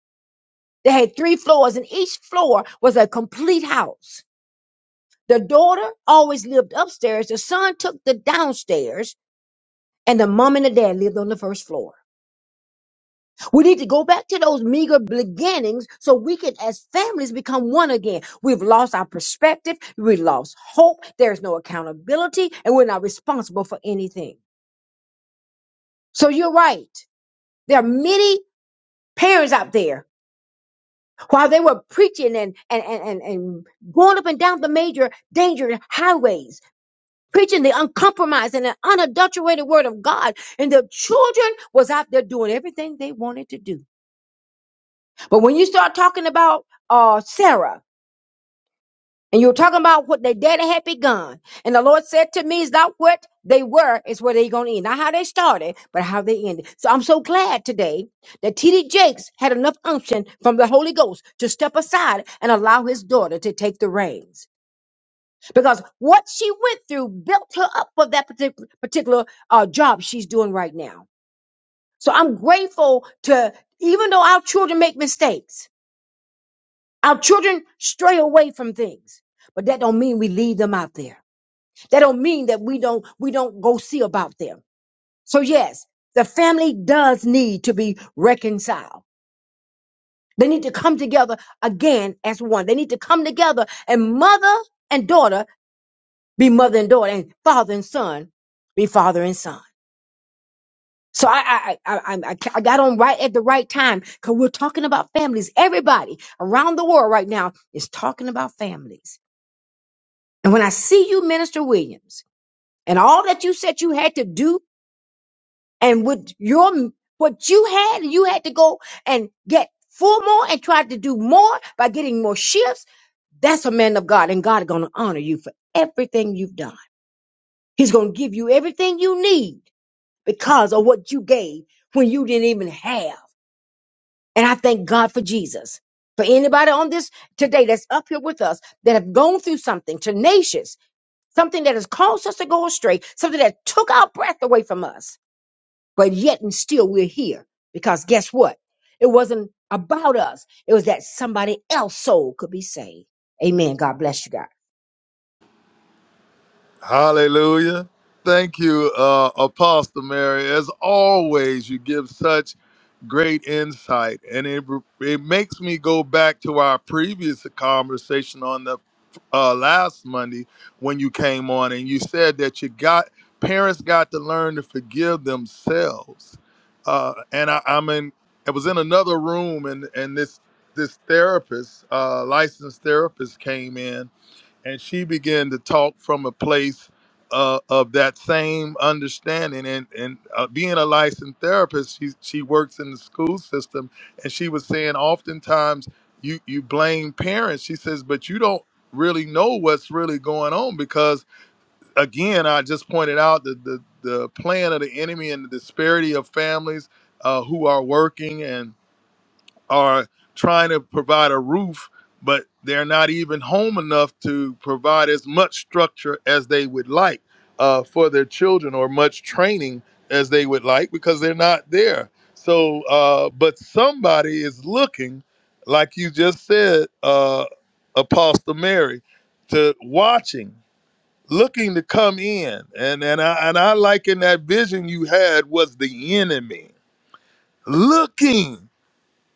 they had three floors, and each floor was a complete house. The daughter always lived upstairs, the son took the downstairs, and the mom and the dad lived on the first floor. We need to go back to those meager beginnings so we can, as families, become one again. We've lost our perspective. We lost hope. There's no accountability and we're not responsible for anything. So you're right. There are many parents out there while they were preaching and, and, and, and, and going up and down the major danger highways, preaching the uncompromised and the unadulterated word of God. And the children was out there doing everything they wanted to do. But when you start talking about uh, Sarah, And you were talking about what they daddy had begun. And the Lord said to me, is not what they were, is where they're going to end. Not how they started, but how they ended. So I'm so glad today that T.D. Jakes had enough unction from the Holy Ghost to step aside and allow his daughter to take the reins. Because what she went through built her up for that partic- particular uh, job she's doing right now. So I'm grateful to, even though our children make mistakes, our children stray away from things, but that don't mean we leave them out there. That don't mean that we don't we don't go see about them. So yes, the family does need to be reconciled. They need to come together again as one. They need to come together and mother and daughter be mother and daughter, and father and son be father and son. So I I I I, I I got on right at the right time because we're talking about families. Everybody around the world right now is talking about families. And when I see you, Minister Williams, and all that you said you had to do and with your what you had, you had to go and get four more and try to do more by getting more shifts. That's a man of God, and God is going to honor you for everything you've done. He's going to give you everything you need because of what you gave when you didn't even have. And I thank God for Jesus. For anybody on this today that's up here with us that have gone through something tenacious, something that has caused us to go astray, something that took our breath away from us, but yet and still we're here because guess what? It wasn't about us. It was that somebody else's soul could be saved. Amen. God bless you, God. Hallelujah. Thank you, uh, Apostle Mary. As always, you give such great insight, and it, it makes me go back to our previous conversation on the uh, last Monday when you came on, and you said that you got parents got to learn to forgive themselves. Uh, and I, I'm in. I was in another room, and and this this therapist, uh, licensed therapist, came in, and she began to talk from a place uh, of that same understanding and and uh, being a licensed therapist she she works in the school system and she was saying oftentimes you you blame parents she says but you don't really know what's really going on because again I just pointed out the the, the plan of the enemy and the disparity of families uh, who are working and are trying to provide a roof, but they're not even home enough to provide as much structure as they would like uh, for their children or much training as they would like because they're not there. So, uh, but somebody is looking, like you just said, uh, Apostle Mary, to watching, looking to come in, and and I and I liken that vision you had was the enemy looking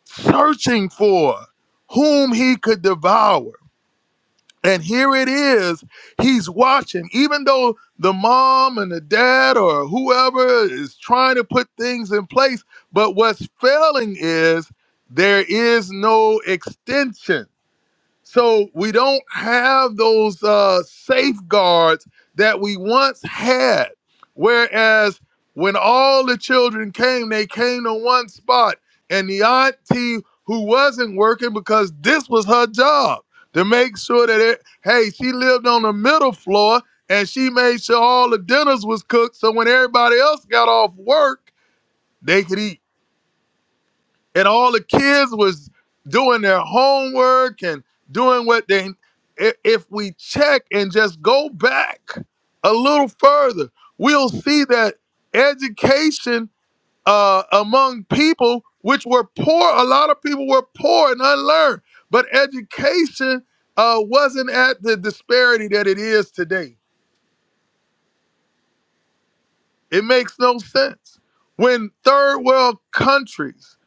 searching for whom he could devour. And here it is, he's watching. Even though the mom and the dad or whoever is trying to put things in place, but what's failing is there is no extension. So we don't have those uh, safeguards that we once had. Whereas when all the children came, they came to one spot, and the auntie who wasn't working because this was her job to make sure that it, hey, she lived on the middle floor and she made sure all the dinners was cooked. So when everybody else got off work, they could eat and all the kids was doing their homework and doing what they i- if we check and just go back a little further we'll see that education uh, among people which were poor a lot of people were poor and unlearned but education uh, wasn't at the disparity that it is today it makes no sense when third world countries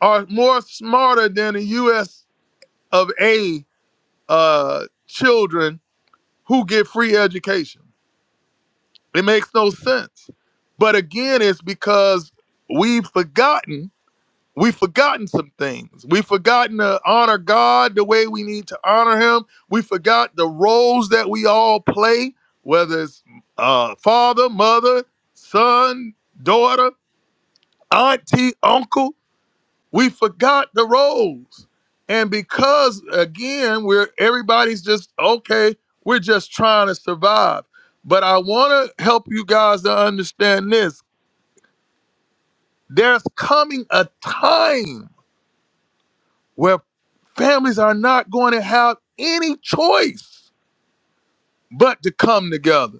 are more smarter than the us of A uh, children who get free education. It makes no sense. But again, it's because we've forgotten. We've forgotten some things. We've forgotten to honor God the way we need to honor Him. We forgot the roles that we all play, whether it's uh, father, mother, son, daughter, auntie, uncle We forgot the roles. And because again, we're everybody's just okay, we're just trying to survive. But I want to help you guys to understand this. There's coming a time where families are not going to have any choice but to come together.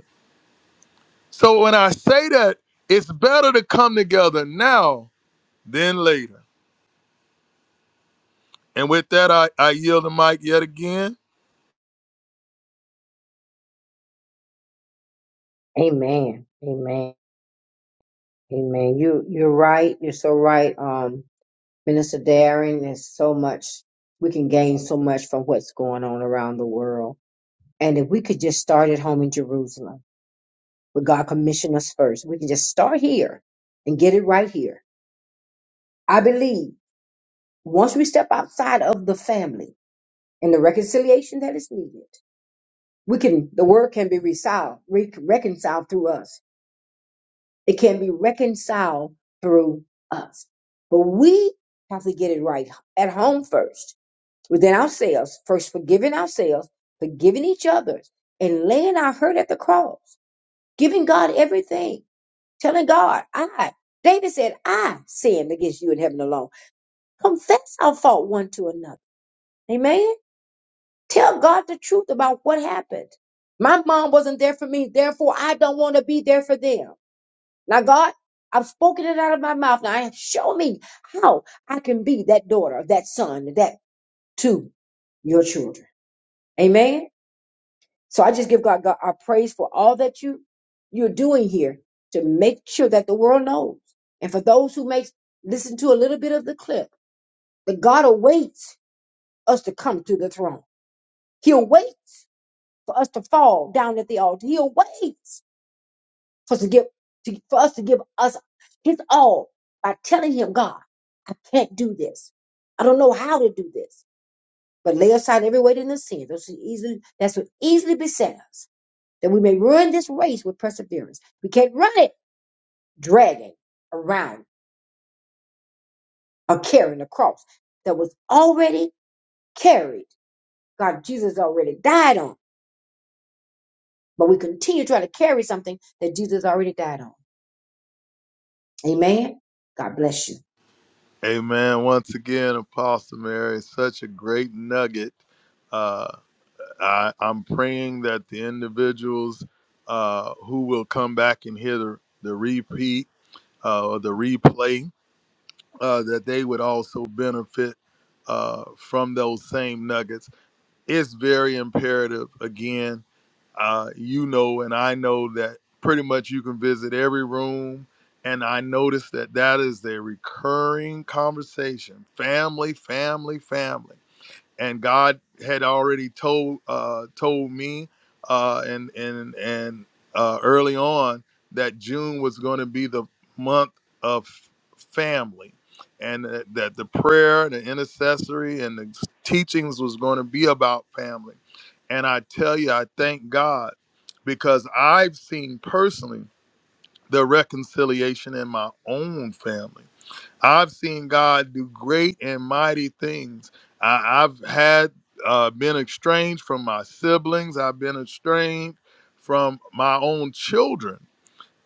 So when I say that, it's better to come together now than later. And with that, I, I yield the mic yet again. Amen. Amen. Amen. You you're right. You're so right. Um, Minister Darren, there's so much we can gain so much from what's going on around the world. And if we could just start at home in Jerusalem, where God commissioned us first, we can just start here and get it right here. I believe once we step outside of the family. and the reconciliation that is needed. We can, the word can be reconciled, re- reconciled through us. It can be reconciled through us. But we have to get it right at home first, within ourselves, first forgiving ourselves, forgiving each other, and laying our hurt at the cross, giving God everything, telling God, I, David said, I sinned against you in heaven alone. Confess our fault one to another. Amen. Tell God the truth about what happened. My mom wasn't there for me, therefore I don't want to be there for them. Now, God, I've spoken it out of my mouth. Now, I- show me how I can be that daughter, that son, that to your children. Amen. So I just give God, God our praise for all that you you're doing here to make sure that the world knows, and for those who may listen to a little bit of the clip, that God awaits us to come to the throne. He'll wait for us to fall down at the altar. He'll wait for us to give to, for us to give us his all by telling him, God, I can't do this. I don't know how to do this. But lay aside every weight and the sin. Those who easily that's what easily beset us, that we may run this race with perseverance. We can't run it dragging around or carrying a cross that was already carried. God, Jesus already died on. But we continue trying to carry something that Jesus already died on. Amen. God bless you. Amen. Once again, Apostle Mary, such a great nugget. Uh, I, I'm praying that the individuals uh, who will come back and hear the, the repeat uh, or the replay, uh, that they would also benefit uh, from those same nuggets. It's very imperative, again, uh, you know, and I know that pretty much you can visit every room. And I noticed that that is a recurring conversation family, family, family and God had already told uh, told me uh, and and and uh, early on that June was going to be the month of family, and that, that the prayer, the intercessory, and the teachings was going to be about family. And I tell you, I thank God because I've seen personally the reconciliation in my own family I've seen God do great and mighty things. I, I've had uh, been estranged from my siblings. I've been estranged from my own children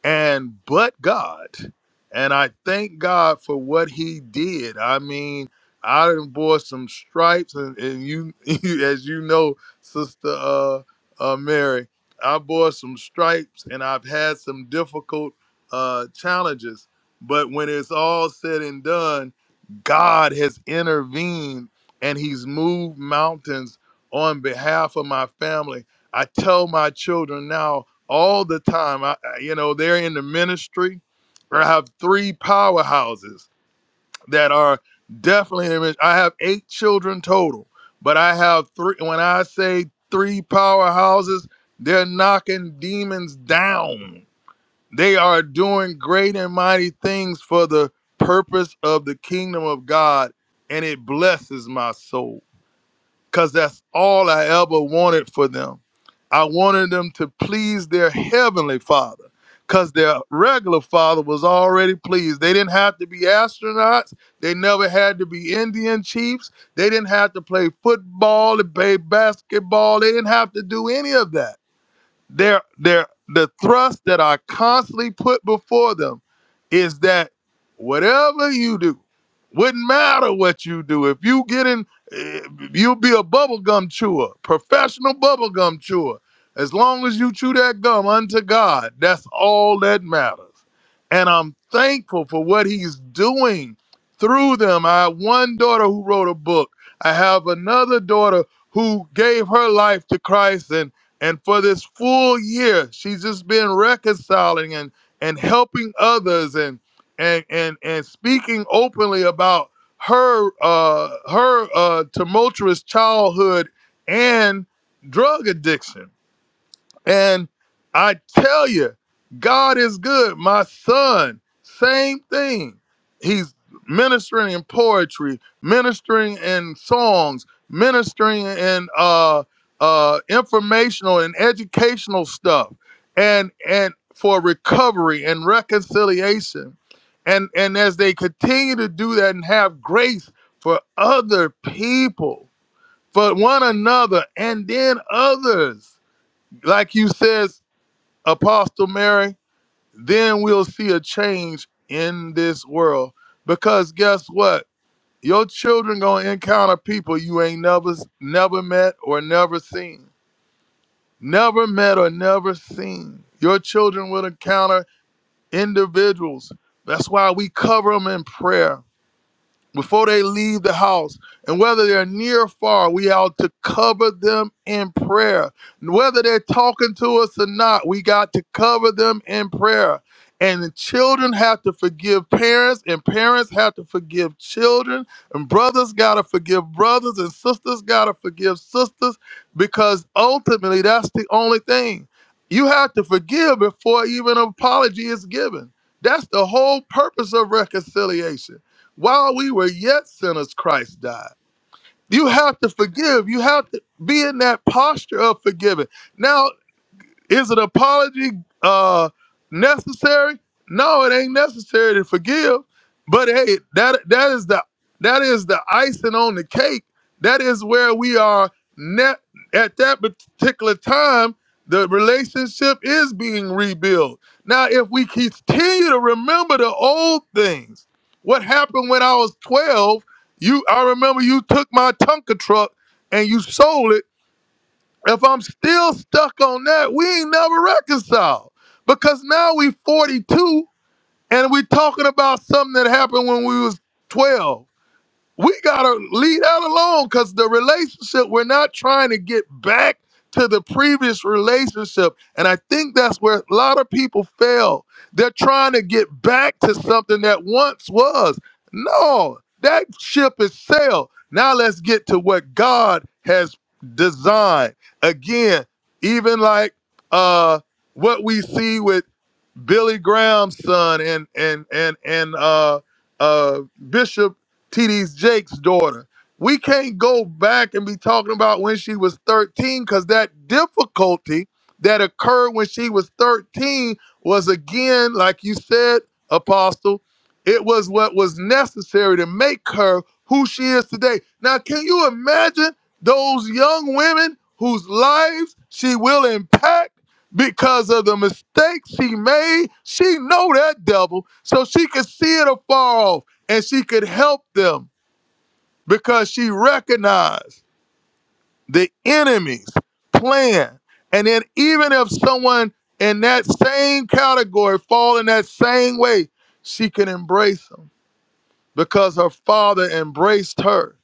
and but God. And I thank God for what He did. I mean, I done bore some stripes, and, and you, *laughs* as you know, Sister uh, uh, Mary, I bore some stripes, and I've had some difficult uh, challenges. But when it's all said and done, God has intervened and he's moved mountains on behalf of my family. I tell my children now all the time. I, I- you know, they're in the ministry. I have three powerhouses that are definitely in the ministry. I have eight children total, but I have three. When I say three powerhouses, they're knocking demons down. They are doing great and mighty things for the purpose of the kingdom of God, and it blesses my soul because that's all I ever wanted for them. I wanted them to please their heavenly father because their regular father was already pleased. They didn't have to be astronauts, they never had to be Indian chiefs, they didn't have to play football, or play basketball, they didn't have to do any of that they're, they're, the thrust that I constantly put before them is that whatever you do, wouldn't matter what you do. If you get in, eh, you'll be a bubblegum chewer, professional bubblegum chewer. As long as you chew that gum unto God, that's all that matters. And I'm thankful for what he's doing through them. I have one daughter who wrote a book. I have another daughter who gave her life to Christ and. And for this full year, she's just been reconciling and and helping others and and and and speaking openly about her uh her uh tumultuous childhood and drug addiction and I tell you, God is good. My son, same thing. He's ministering in poetry, ministering in songs, ministering in uh, uh, informational and educational stuff, and and for recovery and reconciliation. And and as they continue to do that and have grace for other people, for one another, and then others like you said. Apostle Mary, then we'll see a change in this world. Because guess what? Your children gonna encounter people you ain't never never met or never seen. Never met or never seen. Your children will encounter individuals. That's why we cover them in prayer before they leave the house, and whether they're near or far, we ought to cover them in prayer. And Whether they're talking to us or not, we got to cover them in prayer. And the children have to forgive parents, and parents have to forgive children, and brothers got to forgive brothers, and sisters got to forgive sisters, because ultimately that's the only thing. You have to forgive before even an apology is given. That's the whole purpose of reconciliation while we were yet sinners, Christ died. You have to forgive. You have to be in that posture of forgiving. Now, is an apology uh necessary? No, it ain't necessary to forgive. But hey, that that is the that is the icing on the cake. That is where we are net at that particular time. The relationship is being rebuilt. Now, if we continue to remember the old things, what happened when I was 12, you I remember you took my Tonka truck and you sold it if I'm still stuck on that, we ain't never reconciled. Because now we 42 and we talking about something that happened when we was 12 we gotta leave that alone because the relationship we're not trying to get back to the previous relationship and i think that's where a lot of people fail they're trying to get back to something that once was no that ship is sailed now let's get to what god has designed again even like uh what we see with Billy Graham's son and and and and uh uh Bishop T.D. Jake's daughter. We can't go back and be talking about when she was 13 because that difficulty that occurred when she was 13 was again, like you said, Apostle, it was what was necessary to make her who she is today. Now, can you imagine those young women whose lives she will impact? because of the mistakes she made. She know that devil, so she could see it afar off, and she could help them because she recognized the enemy's plan. And then even if someone in that same category fall in that same way, she can embrace them because her father embraced her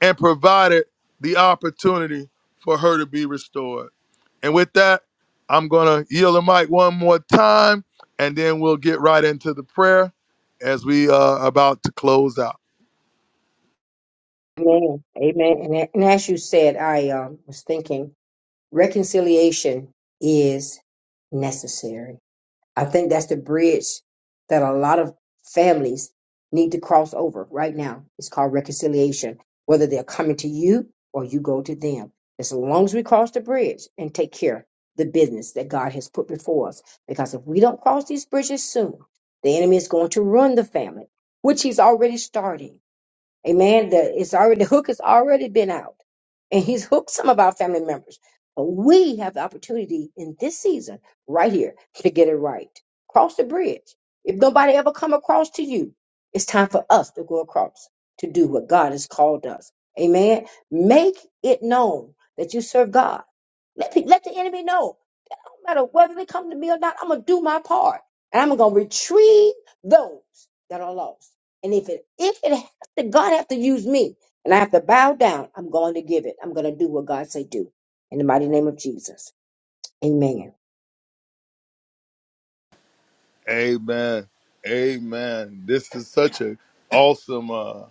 and provided the opportunity for her to be restored. And with that, I'm going to yield the mic one more time, and then we'll get right into the prayer as we are about to close out. Amen. Amen. And, a- and as you said, I um, was thinking reconciliation is necessary. I think that's the bridge that a lot of families need to cross over right now. It's called reconciliation, whether they're coming to you or you go to them. As long as we cross the bridge and take care of the business that God has put before us, because if we don't cross these bridges soon, the enemy is going to ruin the family, which he's already starting. Amen. The it's already *laughs* the hook has already been out, and he's hooked some of our family members. But we have the opportunity in this season, right here, to get it right. Cross the bridge. If nobody ever come across to you, it's time for us to go across to do what God has called us. Amen. Make it known that you serve God. Let, pe- let the enemy know no matter whether they come to me or not, I'm gonna do my part. And I'm gonna retrieve those that are lost. And if it if it has to God have to use me and I have to bow down, I'm going to give it. I'm gonna do what God say do. In the mighty name of Jesus. Amen. Amen. Amen. This is such an awesome uh,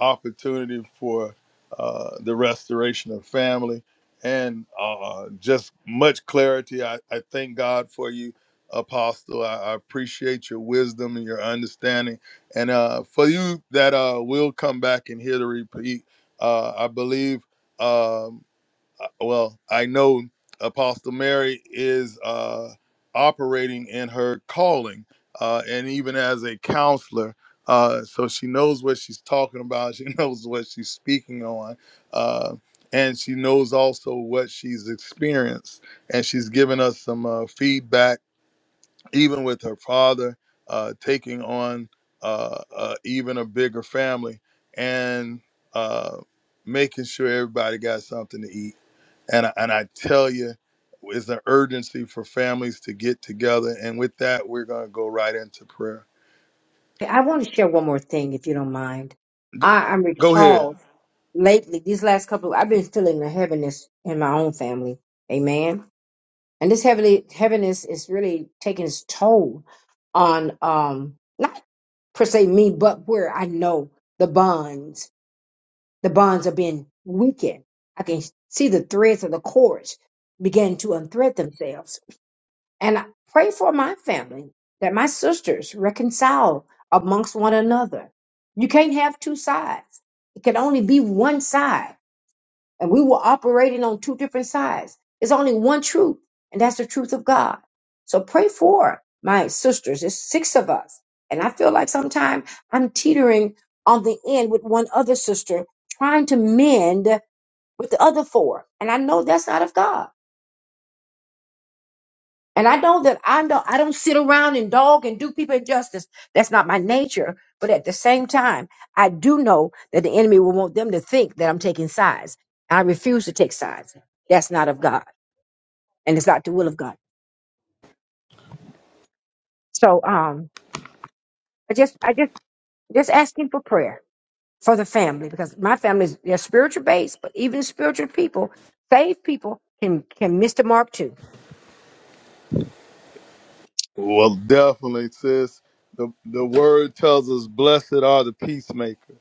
opportunity for uh, the restoration of family and uh, just much clarity. I, I thank God for you, Apostle. I, I appreciate your wisdom and your understanding. And uh, for you that uh, will come back and hear the repeat, uh, I believe. Um, uh, well, I know Apostle Mary is uh, operating in her calling, uh, and even as a counselor, uh, so she knows what she's talking about. She *laughs* knows what she's speaking on, uh, and she knows also what she's experienced. And she's given us some uh, feedback, even with her father uh, taking on uh, uh, even a bigger family, and uh, making sure everybody got something to eat and I, and I tell you, it's an urgency for families to get together. And with that, we're gonna go right into prayer. I want to share one more thing if you don't mind. G- I, I'm go ahead. recalled lately, these last couple, I've been feeling the heaviness in my own family. Amen. And this heavenly heaviness is really taking its toll on um not per se me, but where I know the bonds, the bonds are being weakened. I can see the threads of the cords begin to unthread themselves. And I pray for my family that my sisters reconcile amongst one another. You can't have two sides. It can only be one side. And we were operating on two different sides. There's only one truth, and that's the truth of God. So pray for my sisters. It's six of us. And I feel like sometimes I'm teetering on the end with one other sister, trying to mend with the other four. And I know that's not of God. And I know that I know I don't sit around and dog and do people injustice. That's not my nature. But at the same time, I do know that the enemy will want them to think that I'm taking sides. I refuse to take sides. That's not of God. and it's not the will of God. So um, I just I just just asking for prayer for the family because my family is they're spiritual based, but even spiritual people, saved people can can miss the mark too. Well, definitely, sis. The the word tells us, "Blessed are the peacemakers."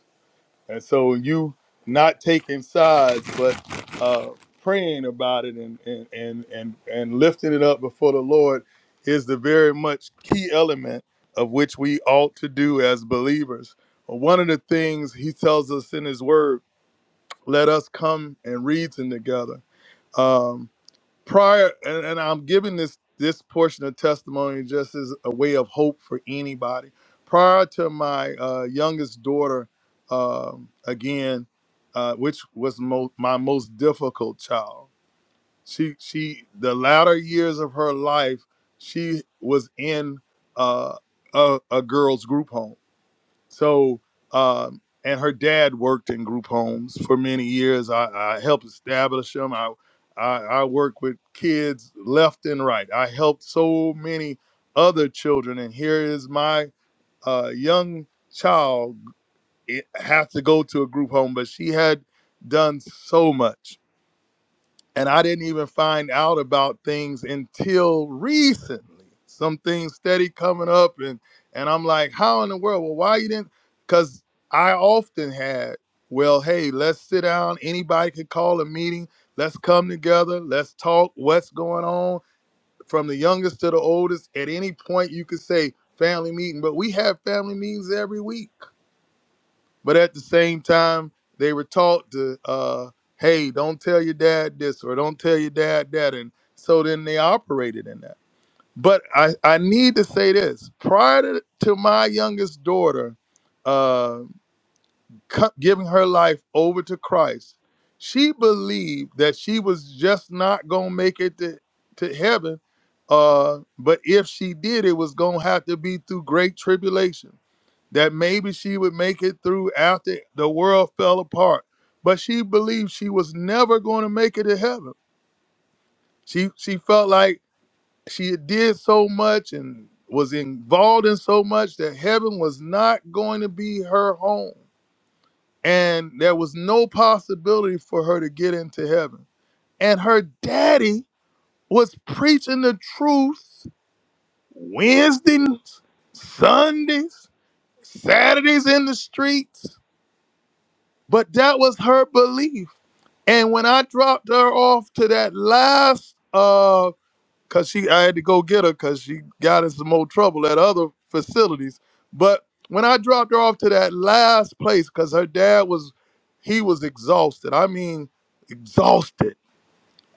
And so you not taking sides, but uh, praying about it and and and and and lifting it up before the Lord is the very much key element of which we ought to do as believers. One of the things He tells us in His Word let us come and reason together. Um, prior, and, and I'm giving this this portion of testimony just as a way of hope for anybody. Prior to my uh, youngest daughter, um, again, uh, which was mo- my most difficult child, she she the latter years of her life, she was in uh, a, a girls' group home so, um, and her dad worked in group homes for many years. I, I helped establish them. I, I, I worked with kids left and right. I helped so many other children. And here is my uh, young child it, have to go to a group home, but she had done so much and I didn't even find out about things until recently. Some things steady coming up, and and I'm like, how in the world? Well, why you didn't? Because I often had, well, hey, let's sit down. Anybody could call a meeting. Let's come together. Let's talk. What's going on? From the youngest to the oldest, at any point you could say family meeting, but we have family meetings every week but at the same time, they were taught to, uh, hey, don't tell your dad this or don't tell your dad that. And so then they operated in that. But I, I need to say this prior to, to my youngest daughter uh, co- giving her life over to Christ, she believed that she was just not going to make it to, to heaven. Uh, but if she did, it was going to have to be through great tribulation that maybe she would make it through after the world fell apart. But she believed she was never going to make it to heaven. She she felt like she did so much and was involved in so much that heaven was not going to be her home. And there was no possibility for her to get into heaven. And her daddy was preaching the truth Wednesdays, Sundays, Saturdays in the streets But that was her belief. And when I dropped her off to that last uh cause she I had to go get her because she got in some more trouble at other facilities. But when I dropped her off to that last place, because her dad was he was exhausted. I mean exhausted.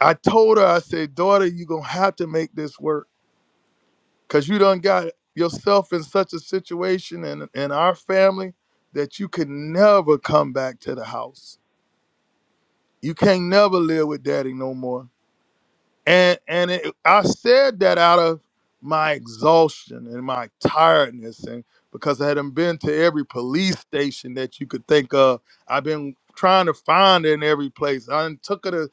I told her, I said, daughter, you gonna have to make this work. Cause you done got yourself in such a situation and in our family that you could never come back to the house You can't never live with daddy no more and and it, I said that out of my exhaustion and my tiredness, and because I hadn't been to every police station that you could think of, I've been trying to find it in every place. I done took her to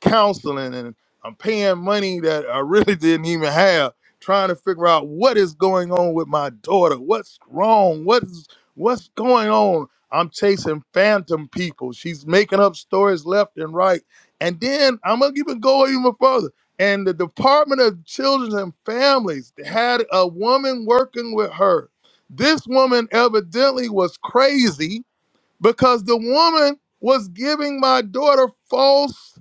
counseling, and I'm paying money that I really *laughs* didn't even have, trying to figure out what is going on with my daughter, what's wrong, what's what's going on. I'm chasing phantom people. She's making up stories left and right. And then I'm gonna even go even further and the Department of Children and Families had a woman working with her. This woman evidently was crazy because the woman was giving my daughter false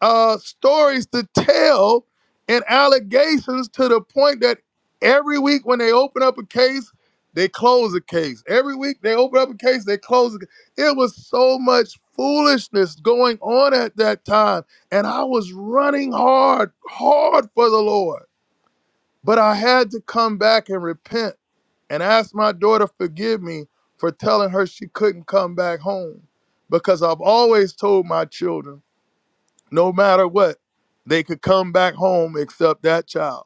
uh, stories to tell and allegations to the point that every week when they open up a case, they close a case. Every week they open up a case, they close it. It was so much foolishness going on at that time. And I was running hard, hard for the Lord. But I had to come back and repent and ask my daughter forgive me for telling her she couldn't come back home because I've always told my children no matter what, they could come back home except that child.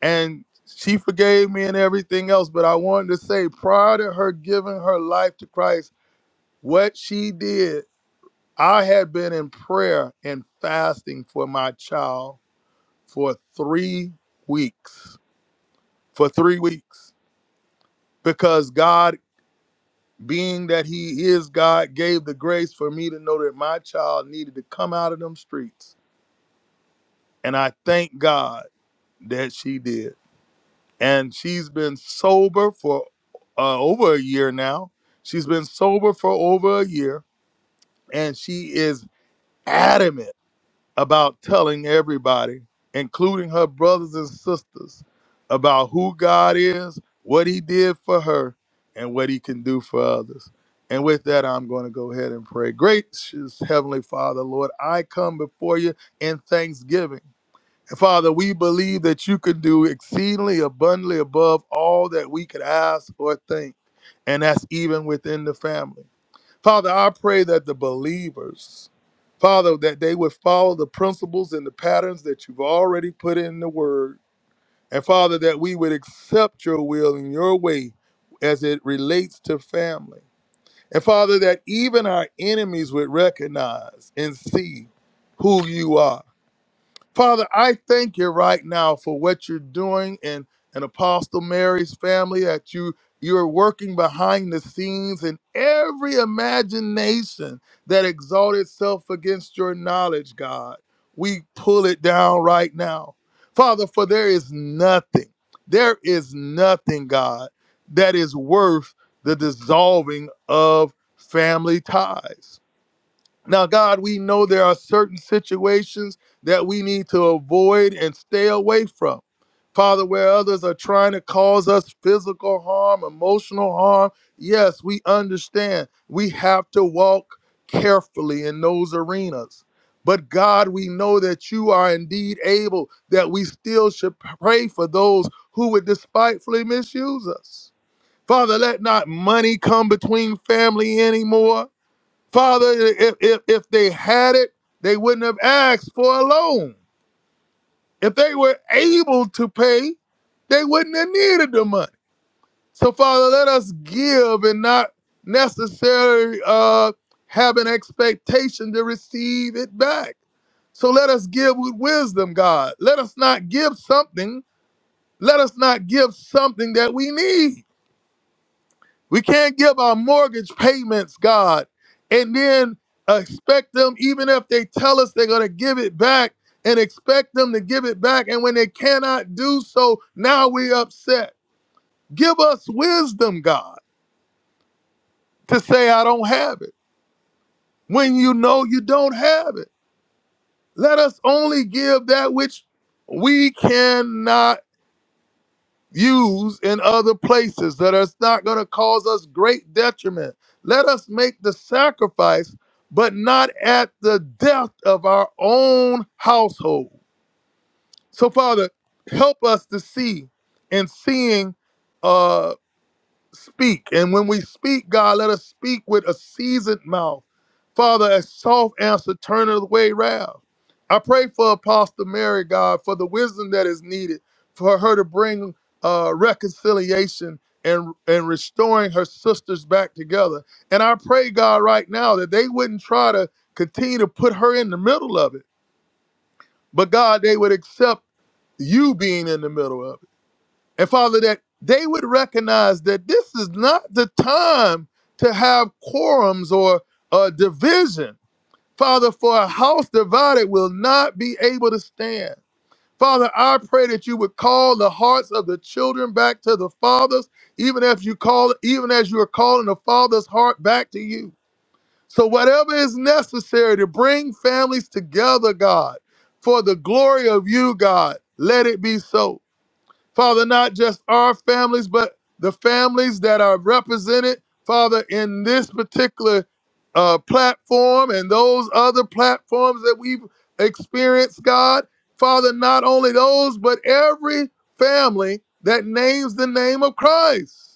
And she forgave me and everything else. But I wanted to say, prior to her giving her life to Christ, what she did, I had been in prayer and fasting for my child for three weeks. For three weeks. Because God, being that He is God, gave the grace for me to know that my child needed to come out of them streets. And I thank God that she did. and she's been sober for uh, over a year now. She's been sober for over a year, and she is adamant about telling everybody, including her brothers and sisters, about who God is, what He did for her, and what He can do for others. And with that, I'm going to go ahead and pray. Gracious Heavenly Father, Lord, I come before you in thanksgiving. Father, we believe that you can do exceedingly abundantly above all that we could ask or think, and that's even within the family. Father, I pray that the believers, Father, that they would follow the principles and the patterns that you've already put in the word. And Father, that we would accept your will and your way as it relates to family. And Father, that even our enemies would recognize and see who you are Father, I thank you right now for what you're doing in, in Apostle Mary's family, that you you're working behind the scenes in every imagination that exalts itself against your knowledge, God. We pull it down right now. Father, for there is nothing, there is nothing, God, that is worth the dissolving of family ties. Now, God, we know there are certain situations that we need to avoid and stay away from. Father, where others are trying to cause us physical harm, emotional harm, yes, we understand. We have to walk carefully in those arenas. But God, we know that you are indeed able, that we still should pray for those who would despitefully misuse us. Father, let not money come between family anymore. Father, if, if, if they had it, they wouldn't have asked for a loan. If they were able to pay, they wouldn't have needed the money. So, Father, let us give and not necessarily uh, have an expectation to receive it back. So let us give with wisdom, God. Let us not give something. Let us not give something that we need. We can't give our mortgage payments, God, and then expect them, even if they tell us they're going to give it back, and expect them to give it back. And when they cannot do so, now we're upset. Give us wisdom, God, to say, I don't have it. When you know you don't have it, let us only give that which we cannot use in other places that that is not going to cause us great detriment. Let us make the sacrifice, but not at the death of our own household. So, Father, help us to see in seeing uh, speak. And when we speak, God, let us speak with a seasoned mouth. Father, a soft answer turneth away wrath. I pray for Apostle Mary, God, for the wisdom that is needed for her to bring uh, reconciliation and, and restoring her sisters back together. And I pray, God, right now that they wouldn't try to continue to put her in the middle of it, but God, they would accept you being in the middle of it. And Father, that they would recognize that this is not the time to have quorums or uh, division. Father, for a house divided will not be able to stand. Father, I pray that you would call the hearts of the children back to the fathers, even if you call, even as you are calling the father's heart back to you. So whatever is necessary to bring families together, God, for the glory of you, God, let it be so. Father, not just our families, but the families that are represented, Father, in this particular uh, platform and those other platforms that we've experienced, God. Father, not only those, but every family that names the name of Christ.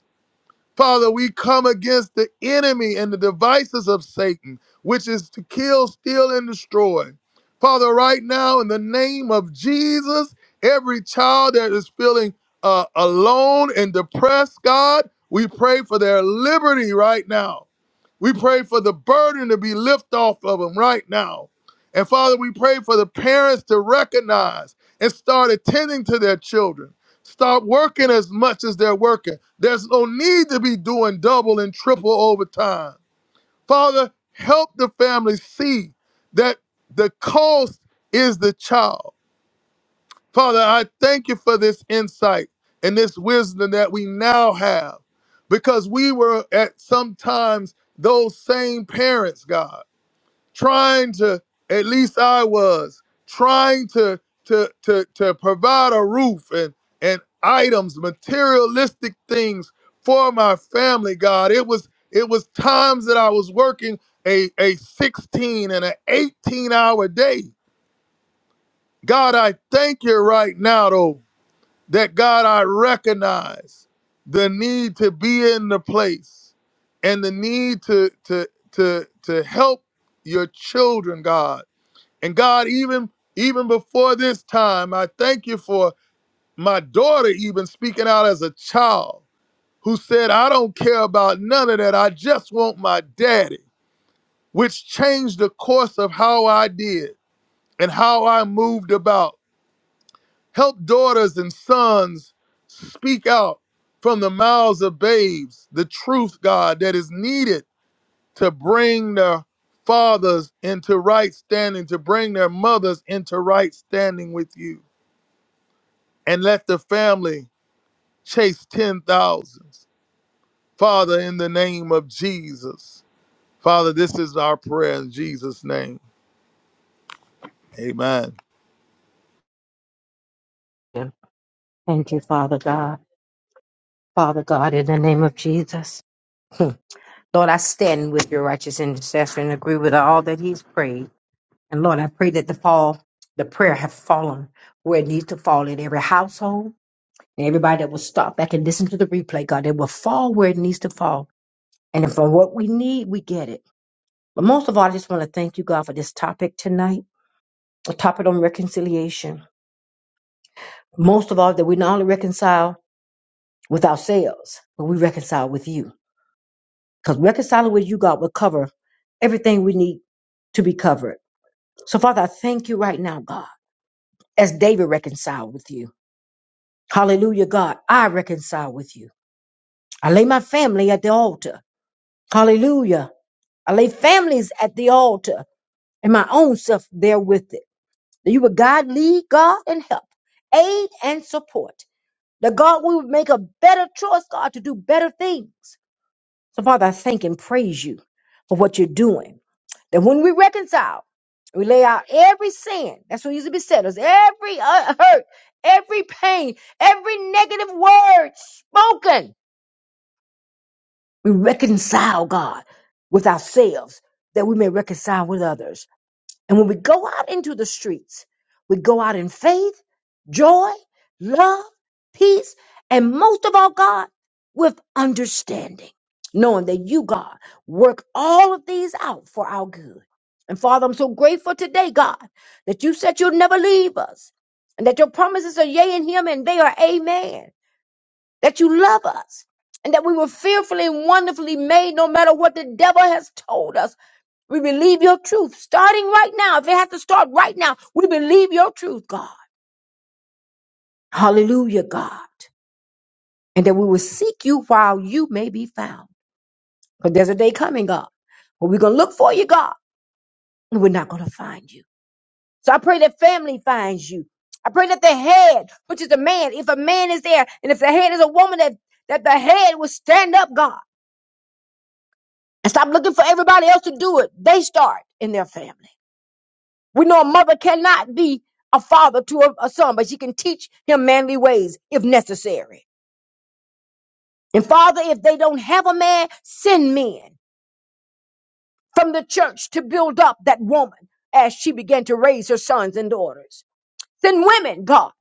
Father, we come against the enemy and the devices of Satan, which is to kill, steal, and destroy. Father, right now, in the name of Jesus, every child that is feeling uh, alone and depressed, God, we pray for their liberty right now. We pray for the burden to be lifted off of them right now. And Father, we pray for the parents to recognize and start attending to their children. Stop working as much as they're working there's no need to be doing double and triple overtime. Father, help the family see that the cost is the child. Father, I thank you for this insight and this wisdom that we now have because we were at sometimes those same parents, God trying to at least I was trying to to to to provide a roof and and items materialistic things for my family God it was it was times that I was working a a 16 and an 18 hour day God I thank you right now though that God I recognize the need to be in the place and the need to to to to help your children God and God, even even before this time, I thank you for my daughter even speaking out as a child who said, I don't care about none of that. I just want my daddy, which changed the course of how I did and how I moved about. Help daughters and sons speak out from the mouths of babes the truth, God, that is needed to bring the fathers into right standing, to bring their mothers into right standing with you. and let the family chase 10 thousands. Father, in the name of Jesus. Father, this is our prayer in Jesus' name. Amen. Him. Thank you, Father God. Father God, in the name of Jesus. Hmm. Lord, I stand with your righteous intercessor and agree with all that he's prayed. And Lord, I pray that the fall, the prayer have fallen where it needs to fall in every household, And everybody that will stop back and listen to the replay, God, it will fall where it needs to fall. And if for what we need, we get it. But most of all, I just want to thank you, God, for this topic tonight, a topic on reconciliation. Most of all, that we not only reconcile with ourselves, but we reconcile with you. Because reconciling with you, God, will cover everything we need to be covered. So, Father, I thank you right now, God, as David reconciled with you. Hallelujah, God, I reconcile with you. I lay my family at the altar. Hallelujah. I lay families at the altar and my own self there with it. That you would God lead, God and help, aid and support. That God, we would make a better choice, God, to do better things. So, Father, I thank and praise you for what you're doing. That when we reconcile, we lay out every sin. That's what used to be said us. Every uh, hurt, every pain, every negative word spoken. We reconcile, God, with ourselves that we may reconcile with others. And when we go out into the streets, we go out in faith, joy, love, peace, and most of all, God, with understanding, knowing that you, God, work all of these out for our good. And Father, I'm so grateful today, God, that you said you'll never leave us and that your promises are yea in him and they are amen, that you love us and that we were fearfully and wonderfully made no matter what the devil has told us. We believe your truth starting right now. If it has to start right now, we believe your truth, God. Hallelujah, God. And that we will seek you while you may be found. Because there's a day coming, God, where we're going to look for you, God, and we're not going to find you. So I pray that family finds you. I pray that the head, which is a man, if a man is there, and if the head is a woman, that, that the head will stand up, God, and stop looking for everybody else to do it. They start in their family. We know a mother cannot be a father to a, a son, but she can teach him manly ways if necessary. And Father, if they don't have a man, send men from the church to build up that woman as she began to raise her sons and daughters. Send women, God,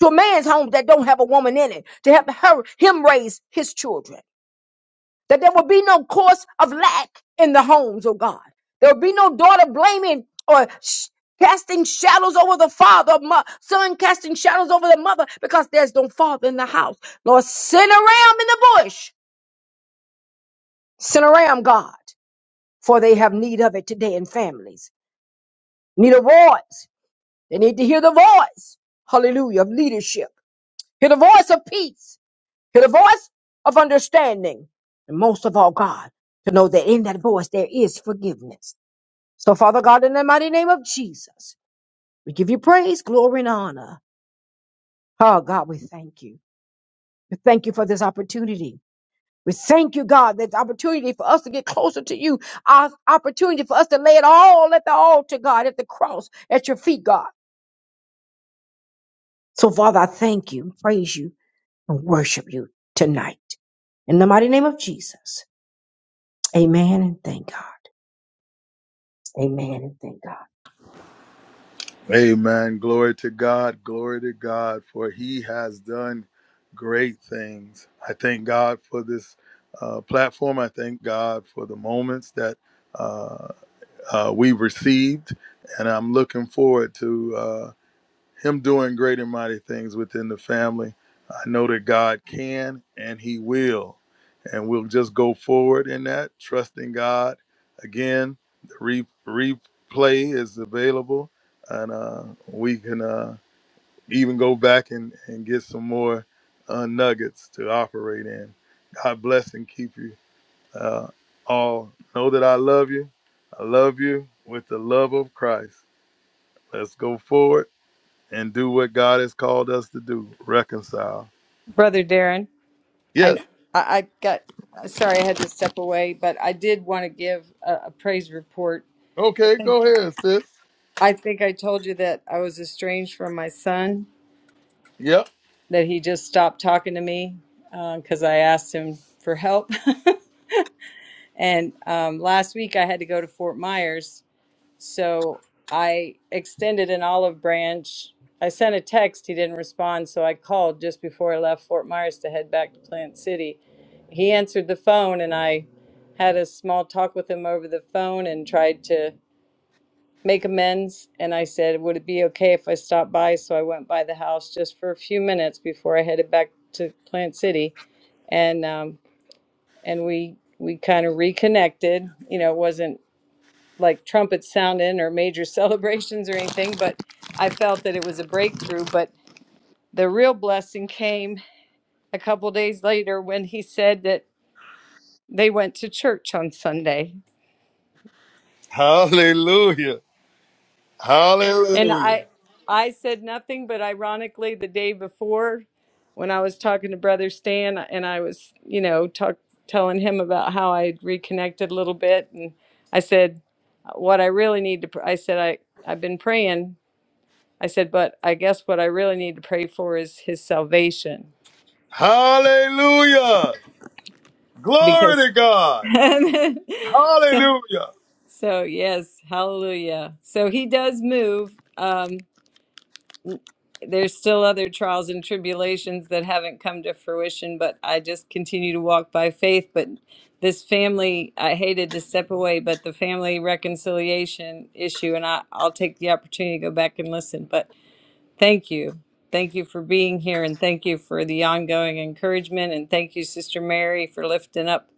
to a man's home that don't have a woman in it to help her him raise his children. that there will be no cause of lack in the homes, oh God. There will be no daughter blaming or sh- casting shadows over the father, mo- son casting shadows over the mother because there's no father in the house. Lord, send a ram in the bush. Send a ram, God, for they have need of it today in families. Need a voice. They need to hear the voice, hallelujah, of leadership. Hear the voice of peace. Hear the voice of understanding. And most of all, God, to know that in that voice there is forgiveness So, Father God, in the mighty name of Jesus, we give you praise, glory, and honor. Oh, God, we thank you. We thank you for this opportunity. We thank you, God, that opportunity for us to get closer to you, our opportunity for us to lay it all at the altar, God, at the cross, at your feet, God. So, Father, I thank you, praise you, and worship you tonight. In the mighty name of Jesus, amen and thank God. Amen and thank God. Amen. Glory to God. Glory to God, for He has done great things. I thank God for this uh, platform. I thank God for the moments that uh, uh, we received, and I'm looking forward to. uh, him doing great and mighty things within the family. I know that God can and He will. And we'll just go forward in that, trusting God. Again, the re- replay is available, and uh, we can uh, even go back and, and get some more uh, nuggets to operate in. God bless and keep you uh, all. Know that I love you. I love you with the love of Christ. Let's go forward and do what God has called us to do reconcile. Brother Darren, I Yes. I I got sorry I had to step away, but I did want to give a, a praise report. I Okay, think go ahead, sis. I think I told you that I was estranged from my son, Yep. that he just stopped talking to me because I asked him for help. *laughs* and um, last week I had to go to Fort Myers So I extended an olive branch. I sent a text. He didn't respond. So I called just before I left Fort Myers to head back to Plant City. He answered the phone and I had a small talk with him over the phone and tried to make amends. And I said, Would it be okay if I stopped by? So I went by the house just for a few minutes before I headed back to Plant City. And, um, and we, we kind of reconnected. You know, it wasn't like trumpets sounding or major *laughs* celebrations or anything, but I felt that it was a breakthrough. But the real blessing came a couple days later when he said that they went to church on Sunday. Hallelujah. And Hallelujah. I I said nothing, but ironically the day before when I was talking to Brother Stan and I was, you know, talk, telling him about how I had reconnected a little bit and I said what I really need to pr- I said I I've been praying I said, but I guess what I really need to pray for is his salvation Hallelujah. Glory because to God. *laughs* so, Hallelujah. so yes, hallelujah. So he does move. Um, there's still other trials and tribulations that haven't come to fruition, but I just continue to walk by faith. But this family, I hated to step away, but the family reconciliation issue, and I, I'll take the opportunity to go back and listen. But Thank you. Thank you for being here and thank you for the ongoing encouragement. And thank you, Sister Mary, for lifting up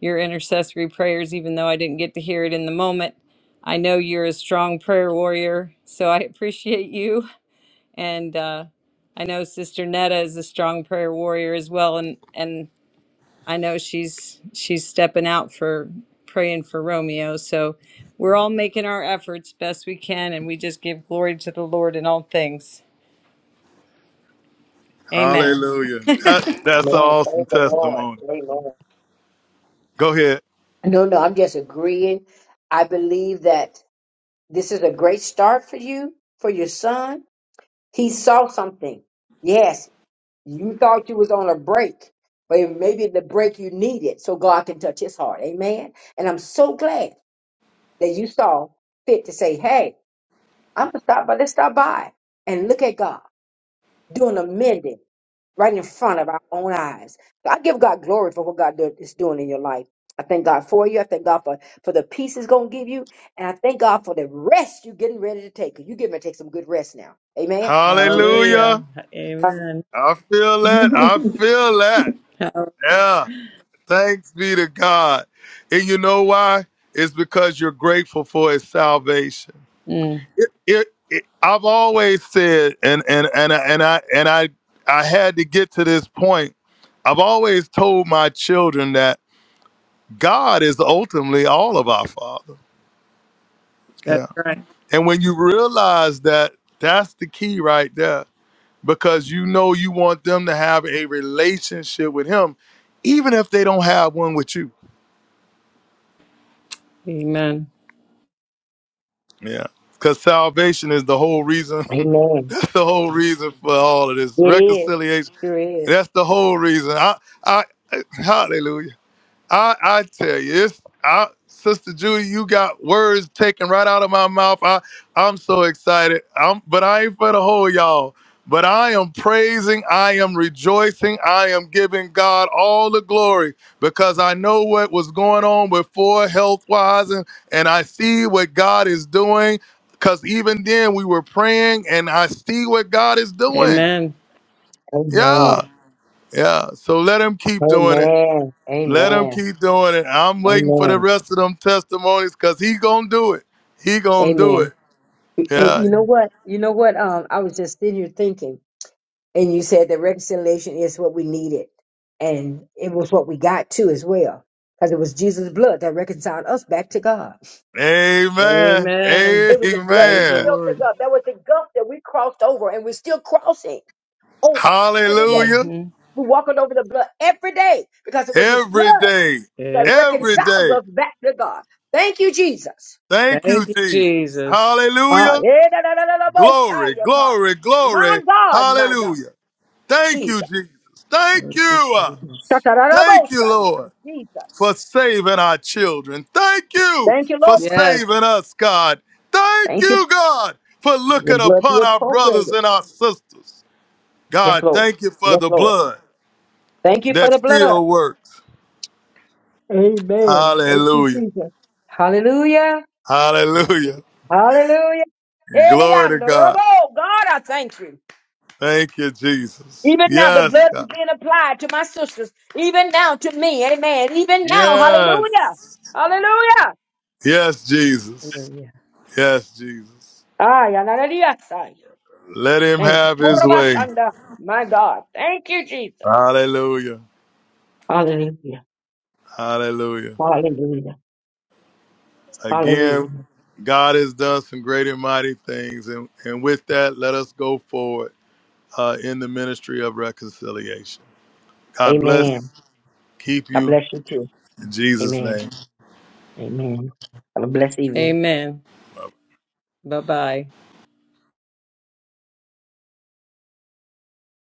your intercessory prayers, even though I didn't get to hear it in the moment. I know you're a strong prayer warrior, so I *laughs* appreciate you. And uh, I know Sister Netta is a strong prayer warrior as well. And, and I know she's she's stepping out for praying for Romeo. So we're all making our efforts best we can, and we just give glory to the Lord in all things. Amen. Hallelujah. That, that's an Amen. awesome Praise the Lord. testimony. Amen. Go ahead. No, no, I'm just agreeing. I believe that. This is a great start for you, for your son. He saw something. Yes, you thought you was on a break, but it- maybe the break you needed so God can touch his heart. Amen. And I'm so glad that you saw fit to say, hey, I'm going to stop by. Let's stop by and look at God doing a mending right in front of our own eyes. I give God glory for what God do- is doing in your life. I thank God for you. I thank God for, for the peace He's going to give you. And I thank God for the rest you're getting ready to take. You're getting ready to take some good rest now. Amen. In Jesus' name. Hallelujah. Hallelujah. Amen. I *laughs* feel that. I feel that. Hall- Yeah. Thanks be to God. And you know why? It's because you're grateful for his salvation. Mm, it, it, it, I've always said, and and and I- and I and I I had to get to this point. I've always told my children that God is ultimately all of our Father. that's Yeah, right. and when you realize that, that's the key right there, because you know you want them to have a relationship with Him, even if they don't have one with you. Amen. Yeah. Because salvation is the whole reason. *laughs* Amen. that's the whole reason for all of this It is. reconciliation. Sure is. That's the whole reason. I, I, I- hallelujah. I I tell you, it's I, Sister Judy, you got words taken right out of my mouth. I I'm so excited. I'm but I ain't for the whole y'all. But I am praising, I am rejoicing, I am giving God all the glory because I know what was going on before health wise and, and I see what God is doing. Cause even then we were praying and I see what God is doing. Amen. Amen. Yeah. Yeah. So let him keep doing it. Amen. Let him Amen. keep doing it. I'm waiting for the Amen. rest of them testimonies because he gonna do it. He gonna do it. Amen. Yes, And Yeah. you know sir. what? You know what? Um, I was just sitting here thinking. And you said that reconciliation is what we needed. And it was what we got too as well. Because it was Jesus' blood that reconciled us back to God. Amen. Amen. It was the blood. He Praise the Amen. filled the Lord. gulf. That was the gulf that we crossed over and we're still crossing over every day. Hallelujah. hmm We're walking over the blood every day because it was his blood Every day. that Yes. Every reconciled day. us back to God. Thank you, Jesus. Thank you, Thank you, Jesus. Jesus. Ah, Hallelujah. yeah, da, da, da, da, da, bo- Glory, shine, yeah, God. glory, My glory. God, my God. Hallelujah. Thank you, Jesus. Jesus. Thank Thank you, you. uh, Da, Jesus. da, da, da, bo- Thank you, shine, yeah. Lord. for Jesus. saving our children. Thank you Thank you, for Lord. Yes. saving us, God. Thank Thank you. you, God, for Your looking blood be upon our brothers appropriated. and our sisters. Yes, God, Lord. thank you for Yes, the Lord. blood Thank you for that the blood. still works. Amen. Thank you, Hallelujah. Jesus. Hallelujah. Hallelujah. Hallelujah. Glory to Eriando, God. Robo, God, I thank you. Thank you, Jesus. Even now, the Yes, blood is God. being applied to my sisters. Even now, to me. Amen. Even now. Hallelujah. Yes. Hallelujah. Yes, Jesus. Hallelujah. Yes, Jesus. Ay, hallelujah. Ay, Let him Thank you. have his way. Kurabasanda. My God. Thank you, Jesus. Hallelujah. Hallelujah. Hallelujah. Hallelujah. Again, Hallelujah. God has done some great and mighty things. And, and with that, let us go forward uh, in the ministry of reconciliation. God bless, Amen. keep I you bless you too. in Jesus' Amen. name. Amen. Have a blessed evening. Amen. Bye bye.